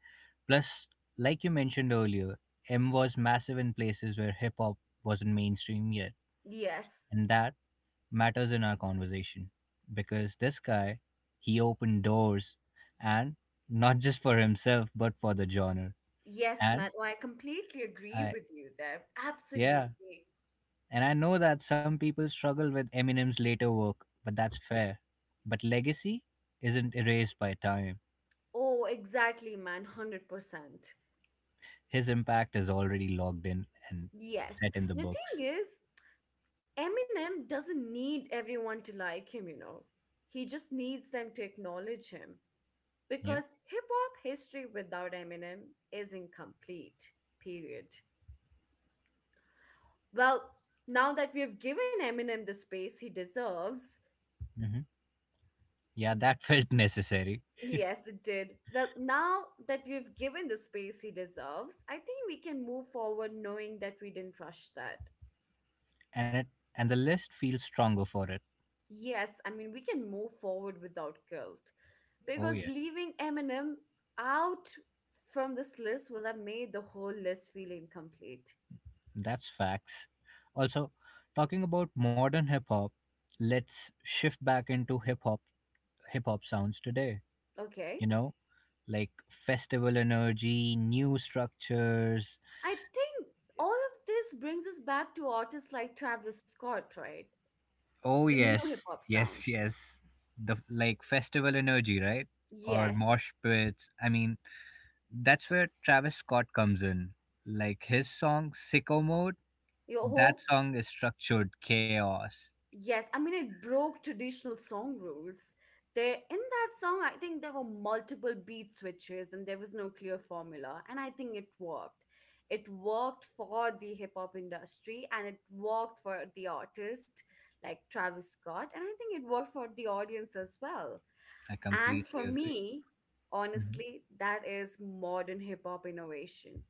Speaker 2: Plus, like you mentioned earlier, M was massive in places where hip hop wasn't mainstream yet.
Speaker 1: Yes.
Speaker 2: And that matters in our conversation because this guy, he opened doors and not just for himself, but for the genre.
Speaker 1: Yes,
Speaker 2: And
Speaker 1: Matt. I completely agree
Speaker 2: I,
Speaker 1: with you there.
Speaker 2: yeah,
Speaker 1: Absolutely.
Speaker 2: and I know that some people struggle with Eminem's later work, but that's fair. But legacy isn't erased by time.
Speaker 1: Oh, exactly, man. 100%.
Speaker 2: His impact is already logged in and
Speaker 1: Yes.
Speaker 2: set in the
Speaker 1: The thing
Speaker 2: books.
Speaker 1: is, Eminem doesn't need everyone to like him. He just needs them to acknowledge him
Speaker 2: Yeah.
Speaker 1: because hip hop history without Eminem is incomplete. Period. Well, now that we have given Eminem the space he deserves,
Speaker 2: Hmm. Yeah, that felt necessary,
Speaker 1: yes, it did. Well, now that we've given the space he deserves, I think we can move forward knowing that we didn't rush that.
Speaker 2: and it and the list feels stronger for it.
Speaker 1: Yes, I mean, we can move forward without guilt
Speaker 2: Oh
Speaker 1: because
Speaker 2: yeah,
Speaker 1: leaving Eminem out from this list will have made the whole list feel incomplete.
Speaker 2: that's facts. Also, talking about modern hip hop, let's shift back into hip hop sounds today.
Speaker 1: Okay?
Speaker 2: You know, like festival energy, new structures.
Speaker 1: I think all of this brings us back to artists like Travis Scott, right?
Speaker 2: Oh
Speaker 1: The new hip
Speaker 2: yes,
Speaker 1: hop sound.
Speaker 2: yes, yes. The like festival energy, right? Or
Speaker 1: Yes.
Speaker 2: mosh pits. I mean, that's where Travis Scott comes in. Like his song "Sicko Mode,"
Speaker 1: Your
Speaker 2: that
Speaker 1: whole
Speaker 2: song is structured chaos.
Speaker 1: Yes, I mean it broke traditional song rules. There in that song, I think there were multiple beat switches and there was no clear formula, and I think it worked. It worked for the hip hop industry and it worked for the artist like Travis Scott, and I think it worked for the audience as well.
Speaker 2: I
Speaker 1: And
Speaker 2: completely
Speaker 1: for
Speaker 2: agree.
Speaker 1: me,
Speaker 2: Mhm.
Speaker 1: honestly, that is modern hip hop innovation.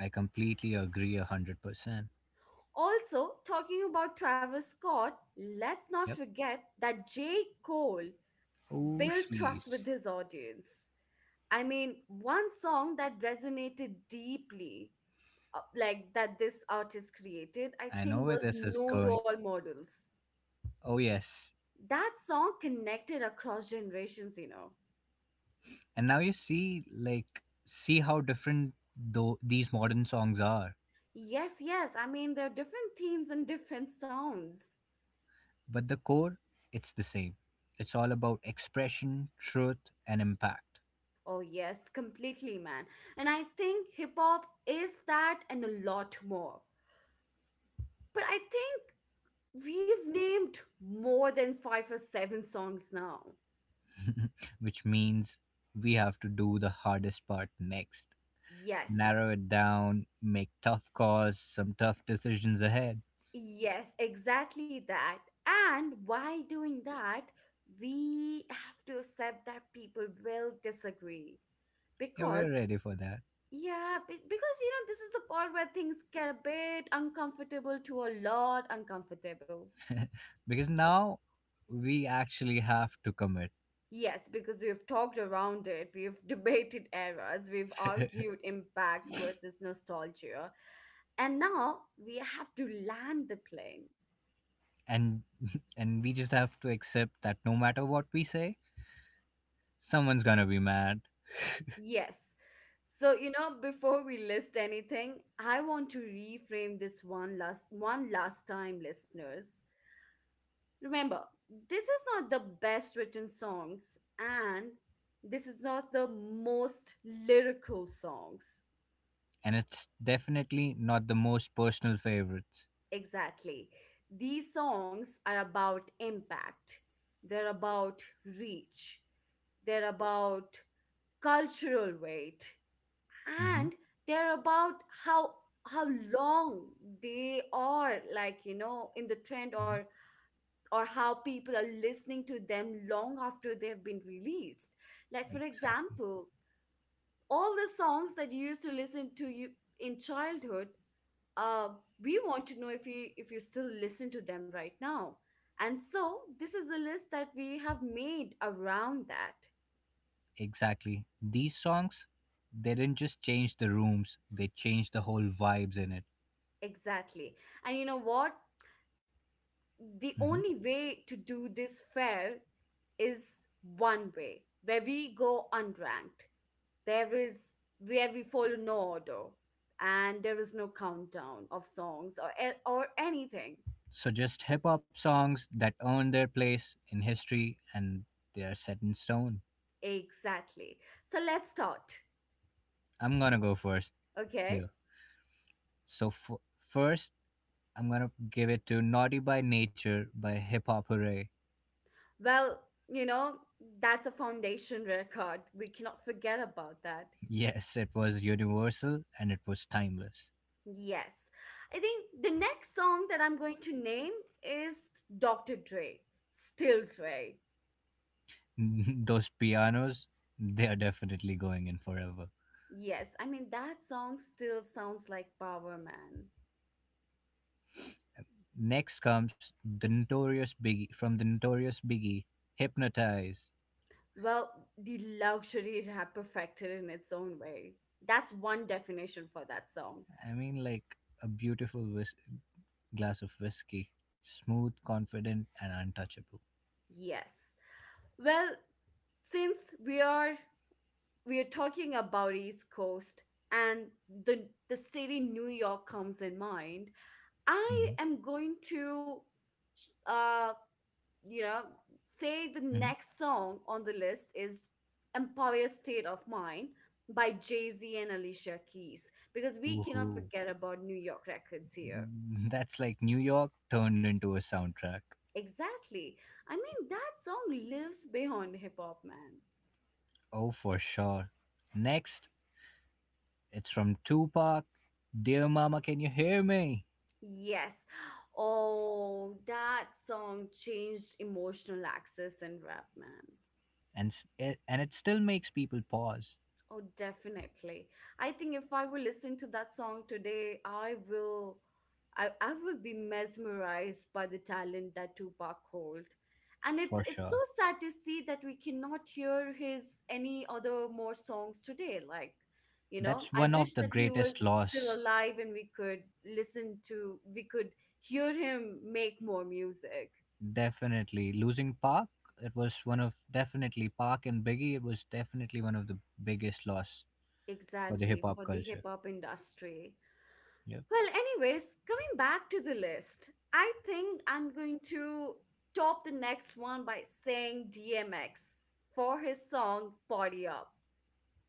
Speaker 2: I completely agree 100%.
Speaker 1: Also, talking about Travis Scott, let's not
Speaker 2: Yep.
Speaker 1: forget that J. Cole
Speaker 2: Oh
Speaker 1: build trust
Speaker 2: sheesh.
Speaker 1: with his audience. I mean, one song that resonated deeply, like that this artist created, I
Speaker 2: I know
Speaker 1: think
Speaker 2: where
Speaker 1: was
Speaker 2: this is
Speaker 1: No
Speaker 2: going.
Speaker 1: Role Models.
Speaker 2: Oh yes.
Speaker 1: That song connected across generations.
Speaker 2: And now you see how different though these modern songs are,
Speaker 1: Yes, yes. I mean, there are different themes and different sounds.
Speaker 2: but the core, it's the same. It's all about expression, truth, and impact.
Speaker 1: Oh, yes, completely, man. And I think hip hop is that and a lot more. But I think we've named more than five or seven songs now.
Speaker 2: Which means we have to do the hardest part next.
Speaker 1: Yes.
Speaker 2: Narrow it down, make tough calls, some tough decisions ahead.
Speaker 1: Yes, exactly that. And while doing that, we have to accept that people will disagree
Speaker 2: Yeah, we're
Speaker 1: because,
Speaker 2: ready for that.
Speaker 1: yeah, because this is the part where things get a bit uncomfortable to a lot uncomfortable.
Speaker 2: Because now we actually have to commit.
Speaker 1: Yes, because we've talked around it, we've debated eras, we've argued impact versus nostalgia, and now we have to land the plane.
Speaker 2: and and we just have to accept that no matter what we say, someone's gonna be mad.
Speaker 1: Yes. So, before we list anything, I want to reframe this one last time, listeners. Remember, this is not the best written songs and this is not the most lyrical songs.
Speaker 2: And it's definitely not the most personal favorites.
Speaker 1: Exactly. These songs are about impact. They're about reach. They're about cultural weight.
Speaker 2: Hmm.
Speaker 1: And they're about how long they are, like, in the trend
Speaker 2: Hmm.
Speaker 1: or or how people are listening to them long after they've been released, like, for
Speaker 2: Exactly.
Speaker 1: example, all the songs that you used to listen to you in childhood. uh we want to know if you still listen to them right now. And so this is a list that we have made around that.
Speaker 2: Exactly. These songs, they didn't just change the rooms, they changed the whole vibes in it.
Speaker 1: Exactly. And you know what? The only
Speaker 2: Hmm.
Speaker 1: way to do this fair is one way where we go unranked. There is where we follow no order, and there is no countdown of songs or or anything.
Speaker 2: So just hip hop songs that earn their place in history, and they are set in stone.
Speaker 1: Exactly. So let's start.
Speaker 2: I'm gonna go first
Speaker 1: Okay.
Speaker 2: here. So first, I'm gonna give it to "Naughty by Nature" by Hip Hop Hooray.
Speaker 1: Well, you know that's a foundation record. We cannot forget about that.
Speaker 2: Yes, it was universal and it was timeless.
Speaker 1: Yes. I think the next song that I'm going to name is Dr. Dre, Still Dre.
Speaker 2: Those pianos, they are definitely going in forever.
Speaker 1: Yes, I mean, that song still sounds like Power Man.
Speaker 2: Next comes the notorious Biggie from the notorious Biggie, Hypnotize.
Speaker 1: Well, the luxury rap perfected in its own way. That's one definition for that song.
Speaker 2: I mean, like a beautiful glass of whiskey, smooth, confident, and untouchable.
Speaker 1: Yes. Well, since we are we are talking about East Coast, and the city New York comes in mind, I
Speaker 2: Hmm.
Speaker 1: am going to uh you know, say the
Speaker 2: Hmm.
Speaker 1: next song on the list is Empire State of Mind by Jay Z and Alicia Keys because we cannot
Speaker 2: Ooh,
Speaker 1: forget about New York records here.
Speaker 2: that's like New York turned into a soundtrack.
Speaker 1: Exactly. I mean, that song lives beyond hip hop, man.
Speaker 2: Oh, for sure. Next, it's from Tupac, Dear Mama, Can You Hear Me?
Speaker 1: Yes. Oh, that song changed emotional access in rap, man.
Speaker 2: And, it still makes people pause.
Speaker 1: Oh, definitely. I think if I were listening to that song today, I will, I will be mesmerized by the talent that Tupac hold. And it's
Speaker 2: For
Speaker 1: it's so
Speaker 2: sure.
Speaker 1: sad to see that we cannot hear his any other more songs today. Like,
Speaker 2: That's
Speaker 1: I
Speaker 2: one of
Speaker 1: wish
Speaker 2: the
Speaker 1: that he
Speaker 2: greatest
Speaker 1: was still
Speaker 2: loss.
Speaker 1: alive and we could hear him make more music.
Speaker 2: Definitely. Losing Park, it was one of definitely Park and Biggie, it was definitely one of the biggest loss for the hip
Speaker 1: Exactly,
Speaker 2: hop
Speaker 1: for the
Speaker 2: culture.
Speaker 1: hip hop industry.
Speaker 2: Yep.
Speaker 1: Well, anyways, coming back to the list, I think I'm going to top the next one by saying DMX for his song "Party Up."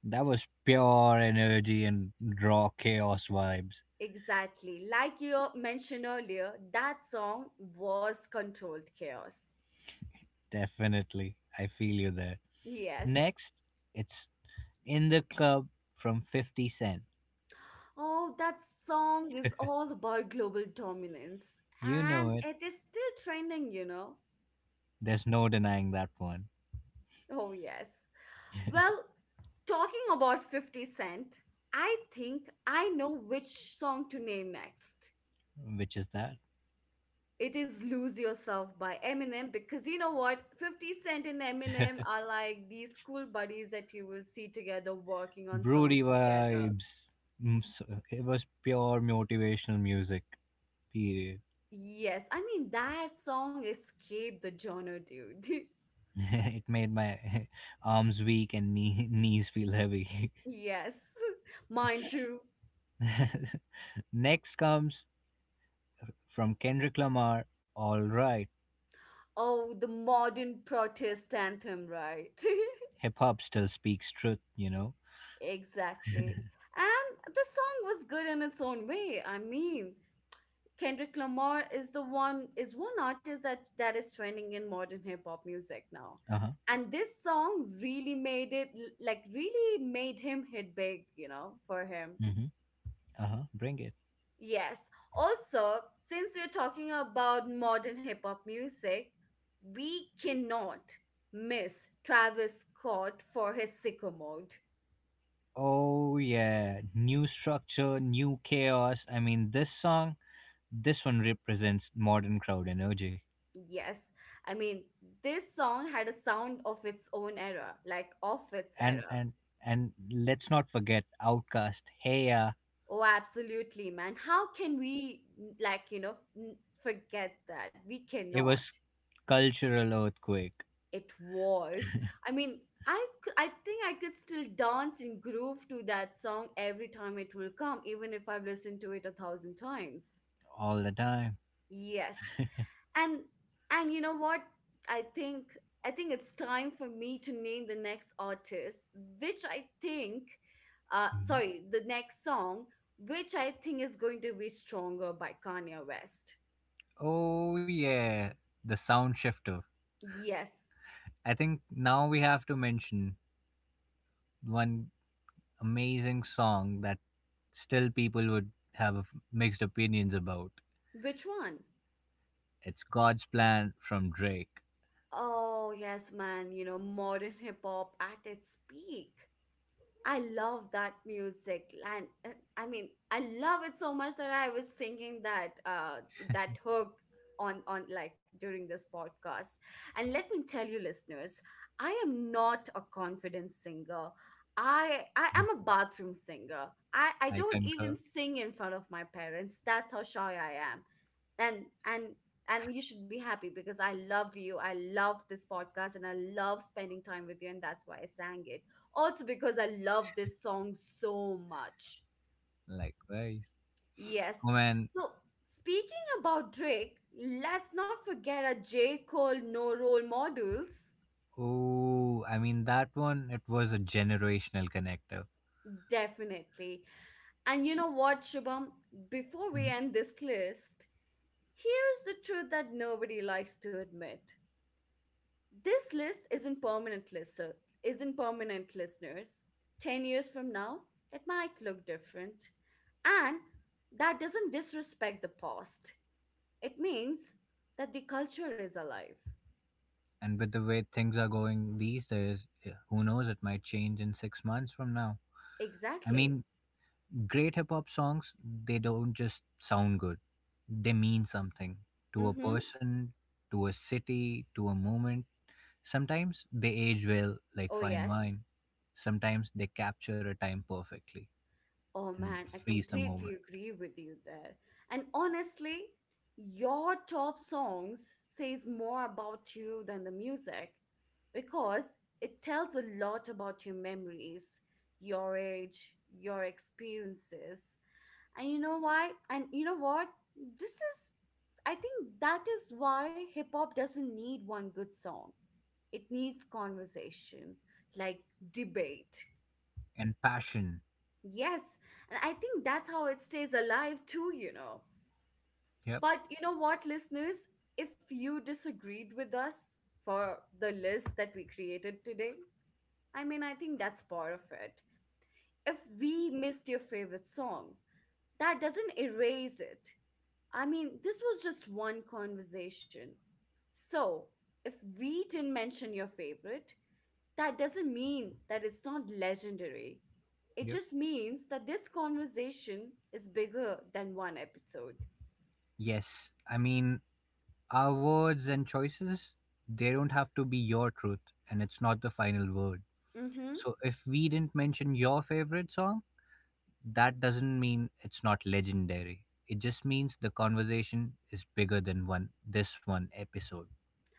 Speaker 2: That was pure energy and raw chaos vibes.
Speaker 1: Exactly. Like you mentioned earlier, that song was controlled chaos.
Speaker 2: Definitely. I feel you there.
Speaker 1: Yes.
Speaker 2: Next, it's in the club from 50 Cent.
Speaker 1: Oh, that song is all about global dominance
Speaker 2: You know
Speaker 1: and
Speaker 2: it.
Speaker 1: it is still trending, you know?
Speaker 2: There's no denying that one.
Speaker 1: Oh, yes. Well, talking about 50 Cent, I think I know which song to name next.
Speaker 2: Which is that?
Speaker 1: It is Lose Yourself by Eminem because you know what? 50 Cent and Eminem are like these cool buddies that you will see together working on
Speaker 2: Broody
Speaker 1: songs together.
Speaker 2: vibes. It was pure motivational music. Period.
Speaker 1: Yes, I mean, that song escaped the genre, dude.
Speaker 2: It made my arms weak and knees feel heavy.
Speaker 1: Yes, mine too.
Speaker 2: Next comes from Kendrick Lamar. All right,
Speaker 1: Oh, the modern protest anthem, right?
Speaker 2: hip hop still speaks truth.
Speaker 1: Exactly. And the song was good in its own way. I mean, Kendrick Lamar is the one is one artist that is trending in modern hip hop music now.
Speaker 2: Uh huh.
Speaker 1: And this song really made it like really made him hit big, for him.
Speaker 2: Mm-hmm. Uh huh. Bring it.
Speaker 1: Yes. Also, since we're talking about modern hip hop music, we cannot miss Travis Scott for his Sycamore.
Speaker 2: Oh yeah, new structure, new chaos. I mean, this one represents modern crowd energy.
Speaker 1: Yes, I mean, this song had a sound of its own era, like of its
Speaker 2: and
Speaker 1: era.
Speaker 2: and and let's not forget Outcast. Hey ya,
Speaker 1: Oh, absolutely, man. How can we, like, forget that? We
Speaker 2: it
Speaker 1: cannot.
Speaker 2: was cultural earthquake
Speaker 1: It was. I mean, I think I could still dance and groove to that song every time it will come, even if I've listened to it a thousand times.
Speaker 2: all the time.
Speaker 1: Yes. and and you know what? I think i think it's time for me to name the next artist, which I think,
Speaker 2: Mhm.
Speaker 1: sorry, the next song, which I think is going to be Stronger by Kanye West.
Speaker 2: Oh yeah, the sound shifter.
Speaker 1: Yes.
Speaker 2: I think now we have to mention one amazing song that still people would have mixed opinions about.
Speaker 1: Which one?
Speaker 2: It's God's Plan from Drake.
Speaker 1: Oh yes, man, modern hip hop at its peak. I love that music, and I mean, I love it so much that I was singing that that hook on like during this podcast. And let me tell you, listeners, I am not a confident singer. I am a bathroom singer. I
Speaker 2: I
Speaker 1: don't even
Speaker 2: concur.
Speaker 1: sing in front of my parents. That's how shy I am. And and and you should be happy because I love you. I love this podcast and I love spending time with you, and that's why I sang it, also because I love this song so much.
Speaker 2: Likewise.
Speaker 1: Yes.
Speaker 2: Oh man.
Speaker 1: So, speaking about Drake, let's not forget our J. Cole No Role Models.
Speaker 2: Oh, I mean that one. It was a generational connector.
Speaker 1: Definitely. And you know what, Shubham? Before we
Speaker 2: Mhm.
Speaker 1: end this list, here's the truth that nobody likes to admit. This list isn't permanent lister, isn't permanent, listeners. 10 years from now, it might look different. And that doesn't disrespect the past. It means that the culture is alive.
Speaker 2: And with the way things are going these days, who knows, it might change in 6 months from now. I
Speaker 1: Exactly.
Speaker 2: mean, great hip hop songs, they don't just sound good, they mean something to a
Speaker 1: Mm-hmm.
Speaker 2: person, to a city, to a moment. Sometimes they age well, like
Speaker 1: Oh,
Speaker 2: fine
Speaker 1: yes.
Speaker 2: wine. Sometimes they capture a time perfectly
Speaker 1: Oh,
Speaker 2: and
Speaker 1: man, I
Speaker 2: freeze the moment.
Speaker 1: completely agree with you there. And honestly, your top songs says more about you than the music because it tells a lot about your memories, your age, your experiences. And you know why? And you know what? This is, I think, that is why hip hop doesn't need one good song. It needs conversation, like debate.
Speaker 2: And passion.
Speaker 1: Yes, and I think that's how it stays alive too.
Speaker 2: Yep,
Speaker 1: But you know what, listeners? If you disagreed with us for the list that we created today, I mean, I think that's part of it. If we missed your favorite song, that doesn't erase it. I mean, this was just one conversation. So, if we didn't mention your favorite, that doesn't mean that it's not legendary. It
Speaker 2: yep.
Speaker 1: just means that this conversation is bigger than one episode.
Speaker 2: Yes, I mean, our words and choices, they don't have to be your truth, and it's not the final word.
Speaker 1: Hmm.
Speaker 2: So if we didn't mention your favorite song, that doesn't mean it's not legendary. It just means the conversation is bigger than one this one episode.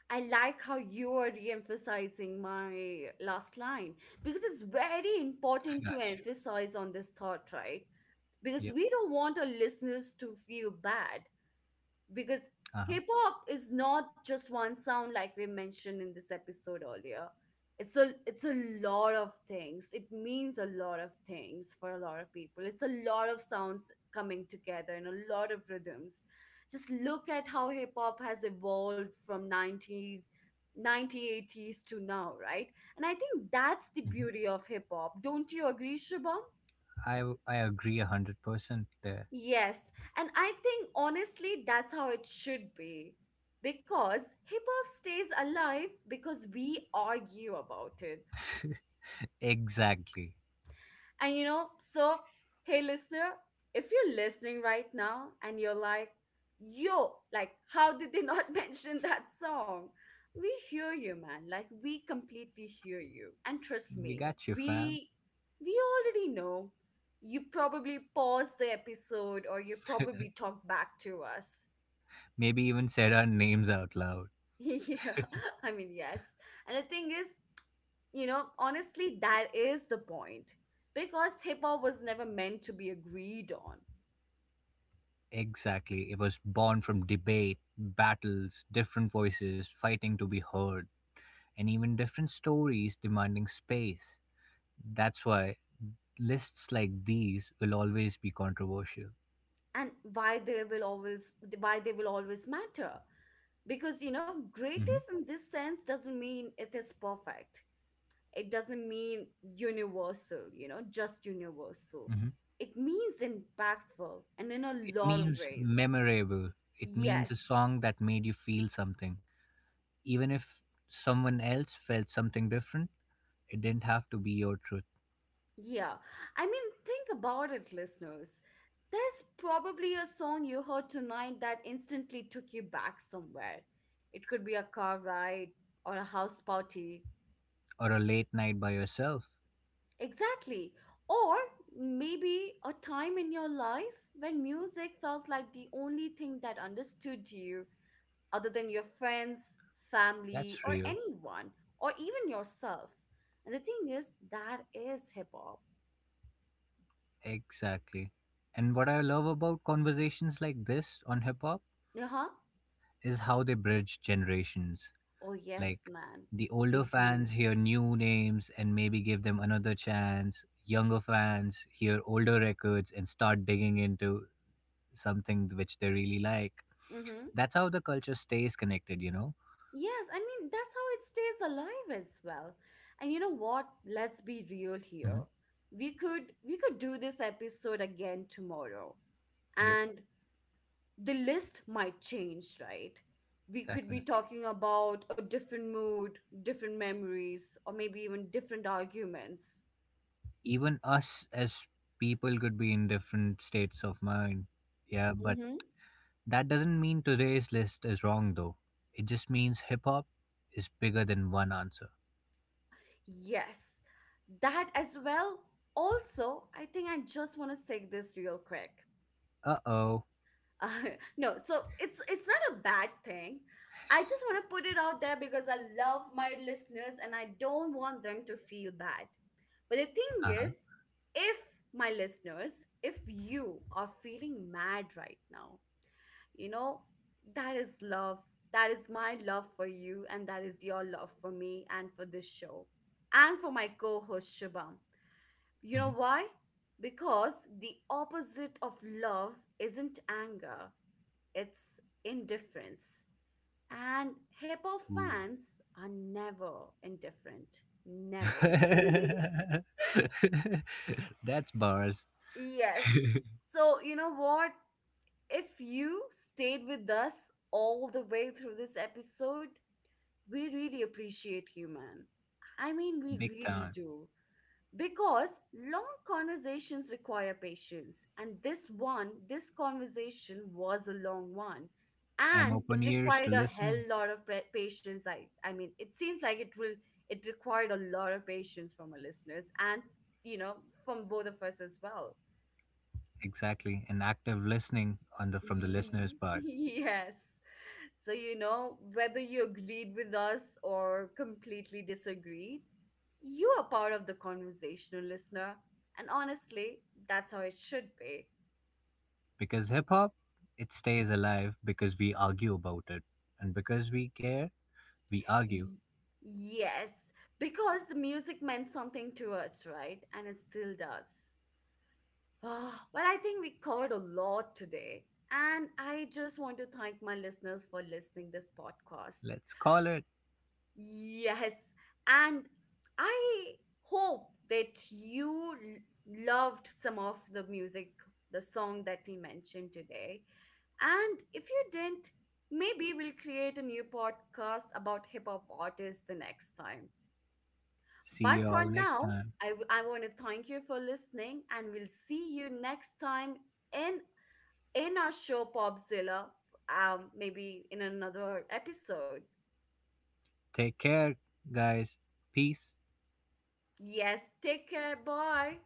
Speaker 1: I like how you are re emphasizing my last line because it's very
Speaker 2: I
Speaker 1: important to
Speaker 2: got you.
Speaker 1: emphasize on this thought, right? Because
Speaker 2: Yep.
Speaker 1: we don't want our listeners to feel bad. Because
Speaker 2: Uh-huh.
Speaker 1: hip hop is not just one sound like we mentioned in this episode earlier. It's a lot of things. It means a lot of things for a lot of people. It's a lot of sounds coming together and a lot of rhythms. Just look at how hip hop has evolved from 90s 1980s to now, right? And I think that's the
Speaker 2: Hmm.
Speaker 1: beauty of hip hop. Don't you agree, Shubham?
Speaker 2: I I agree 100% there.
Speaker 1: Yes, and I think honestly that's how it should be. Because hip hop stays alive because we argue about it.
Speaker 2: Exactly.
Speaker 1: And you know, so hey listener, if you're listening right now and you're like, yo, like how did they not mention that song? We hear you, man. Like we completely hear you. And trust
Speaker 2: We
Speaker 1: me,
Speaker 2: got you, fam.
Speaker 1: we already know. You probably paused the episode or you probably talked back to us.
Speaker 2: Maybe even said our names out loud.
Speaker 1: Yeah, I mean, yes. And the thing is, you know, honestly, that is the point. Because hip hop was never meant to be agreed on.
Speaker 2: Exactly. It was born from debate, battles, different voices fighting to be heard, and even different stories demanding space. That's why lists like these will always be controversial.
Speaker 1: And why they will always matter. Because, you know, greatest
Speaker 2: Hmm.
Speaker 1: in this sense doesn't mean it is perfect. It doesn't mean universal, you know, just universal.
Speaker 2: Hmm.
Speaker 1: It means impactful and in a
Speaker 2: It
Speaker 1: lot of
Speaker 2: means
Speaker 1: ways.
Speaker 2: memorable, it means a
Speaker 1: Yes.
Speaker 2: song that made you feel something. Even if someone else felt something different, it didn't have to be your truth
Speaker 1: Yeah, I mean, think about it, listeners. There's probably a song you heard tonight that instantly took you back somewhere. It could be a car ride or a house party.
Speaker 2: or a late night by yourself.
Speaker 1: Exactly. Or maybe a time in your life when music felt like the only thing that understood you, other than your friends,
Speaker 2: That's
Speaker 1: family, or
Speaker 2: real.
Speaker 1: anyone, or even yourself. And the thing is, that is hip hop.
Speaker 2: Exactly. And what I love about conversations like this on hip hop
Speaker 1: Uh huh.
Speaker 2: is how they bridge generations.
Speaker 1: Oh,
Speaker 2: Like
Speaker 1: yes, man.
Speaker 2: the
Speaker 1: They
Speaker 2: older fans
Speaker 1: do.
Speaker 2: hear new names and maybe give them another chance. Younger fans hear older records and start digging into something which they really like.
Speaker 1: Mm-hmm.
Speaker 2: That's how the culture stays connected, you know?
Speaker 1: Yes, I mean, that's how it stays alive as well. And you know what? Let's be real here.
Speaker 2: Hmm.
Speaker 1: We could do this episode again tomorrow.
Speaker 2: Yep,
Speaker 1: And the list might change, right? We could be
Speaker 2: definitely.
Speaker 1: talking about a different mood, different memories, or maybe even different arguments.
Speaker 2: Even us as people could be in different states of mind. Yeah, but
Speaker 1: Mm-hmm.
Speaker 2: that doesn't mean today's list is wrong though. It just means hip hop is bigger than one answer.
Speaker 1: Yes. That as well. Also, I think I just want to say this real quick.
Speaker 2: Uh oh.
Speaker 1: Uh, no, so it's not a bad thing. I just want to put it out there because I love my listeners and I don't want them to feel bad. But the thing
Speaker 2: Uh huh.
Speaker 1: is, if my listeners, if you are feeling mad right now, you know, that is love. That is my love for you, and that is your love for me and for this show and for my co host Shubham. You know why? Because the opposite of love isn't anger, it's indifference. And hip hop
Speaker 2: Ooh.
Speaker 1: fans are never indifferent. Never.
Speaker 2: That's bars.
Speaker 1: Yes. So, you know what? If you stayed with us all the way through this episode, we really appreciate you, man. I mean, we
Speaker 2: Big
Speaker 1: really
Speaker 2: time.
Speaker 1: do. Because long conversations require patience and this conversation was a long one
Speaker 2: And
Speaker 1: and
Speaker 2: open
Speaker 1: it
Speaker 2: ears to
Speaker 1: required a hell
Speaker 2: listen.
Speaker 1: lot of patience. I mean it seems like it will it required a lot of patience from our listeners and you know from both of us as well.
Speaker 2: Exactly. And active listening on the from the
Speaker 1: Ye-
Speaker 2: listener's part.
Speaker 1: Yes. So, you know, whether you agreed with us or completely disagreed, you are part of the conversational listener. And honestly, that's how it should be.
Speaker 2: Because hip hop, it stays alive because we argue about it. And because we care, we argue.
Speaker 1: Y- yes, because the music meant something to us, right? And it still does. Ah, well, I think we covered a lot today. And I just want to thank my listeners for listening this podcast.
Speaker 2: Let's call it.
Speaker 1: Yes, and I hope that you loved some of the music, the song that we mentioned today. And if you didn't, maybe we'll create a new podcast about hip hop artists the next time.
Speaker 2: See
Speaker 1: But
Speaker 2: you
Speaker 1: for
Speaker 2: all next
Speaker 1: now,
Speaker 2: time.
Speaker 1: I want to thank you for listening, and we'll see you next time in in our show Popzilla, maybe in another episode.
Speaker 2: Take care, guys. Peace.
Speaker 1: Yes, take care. Bye.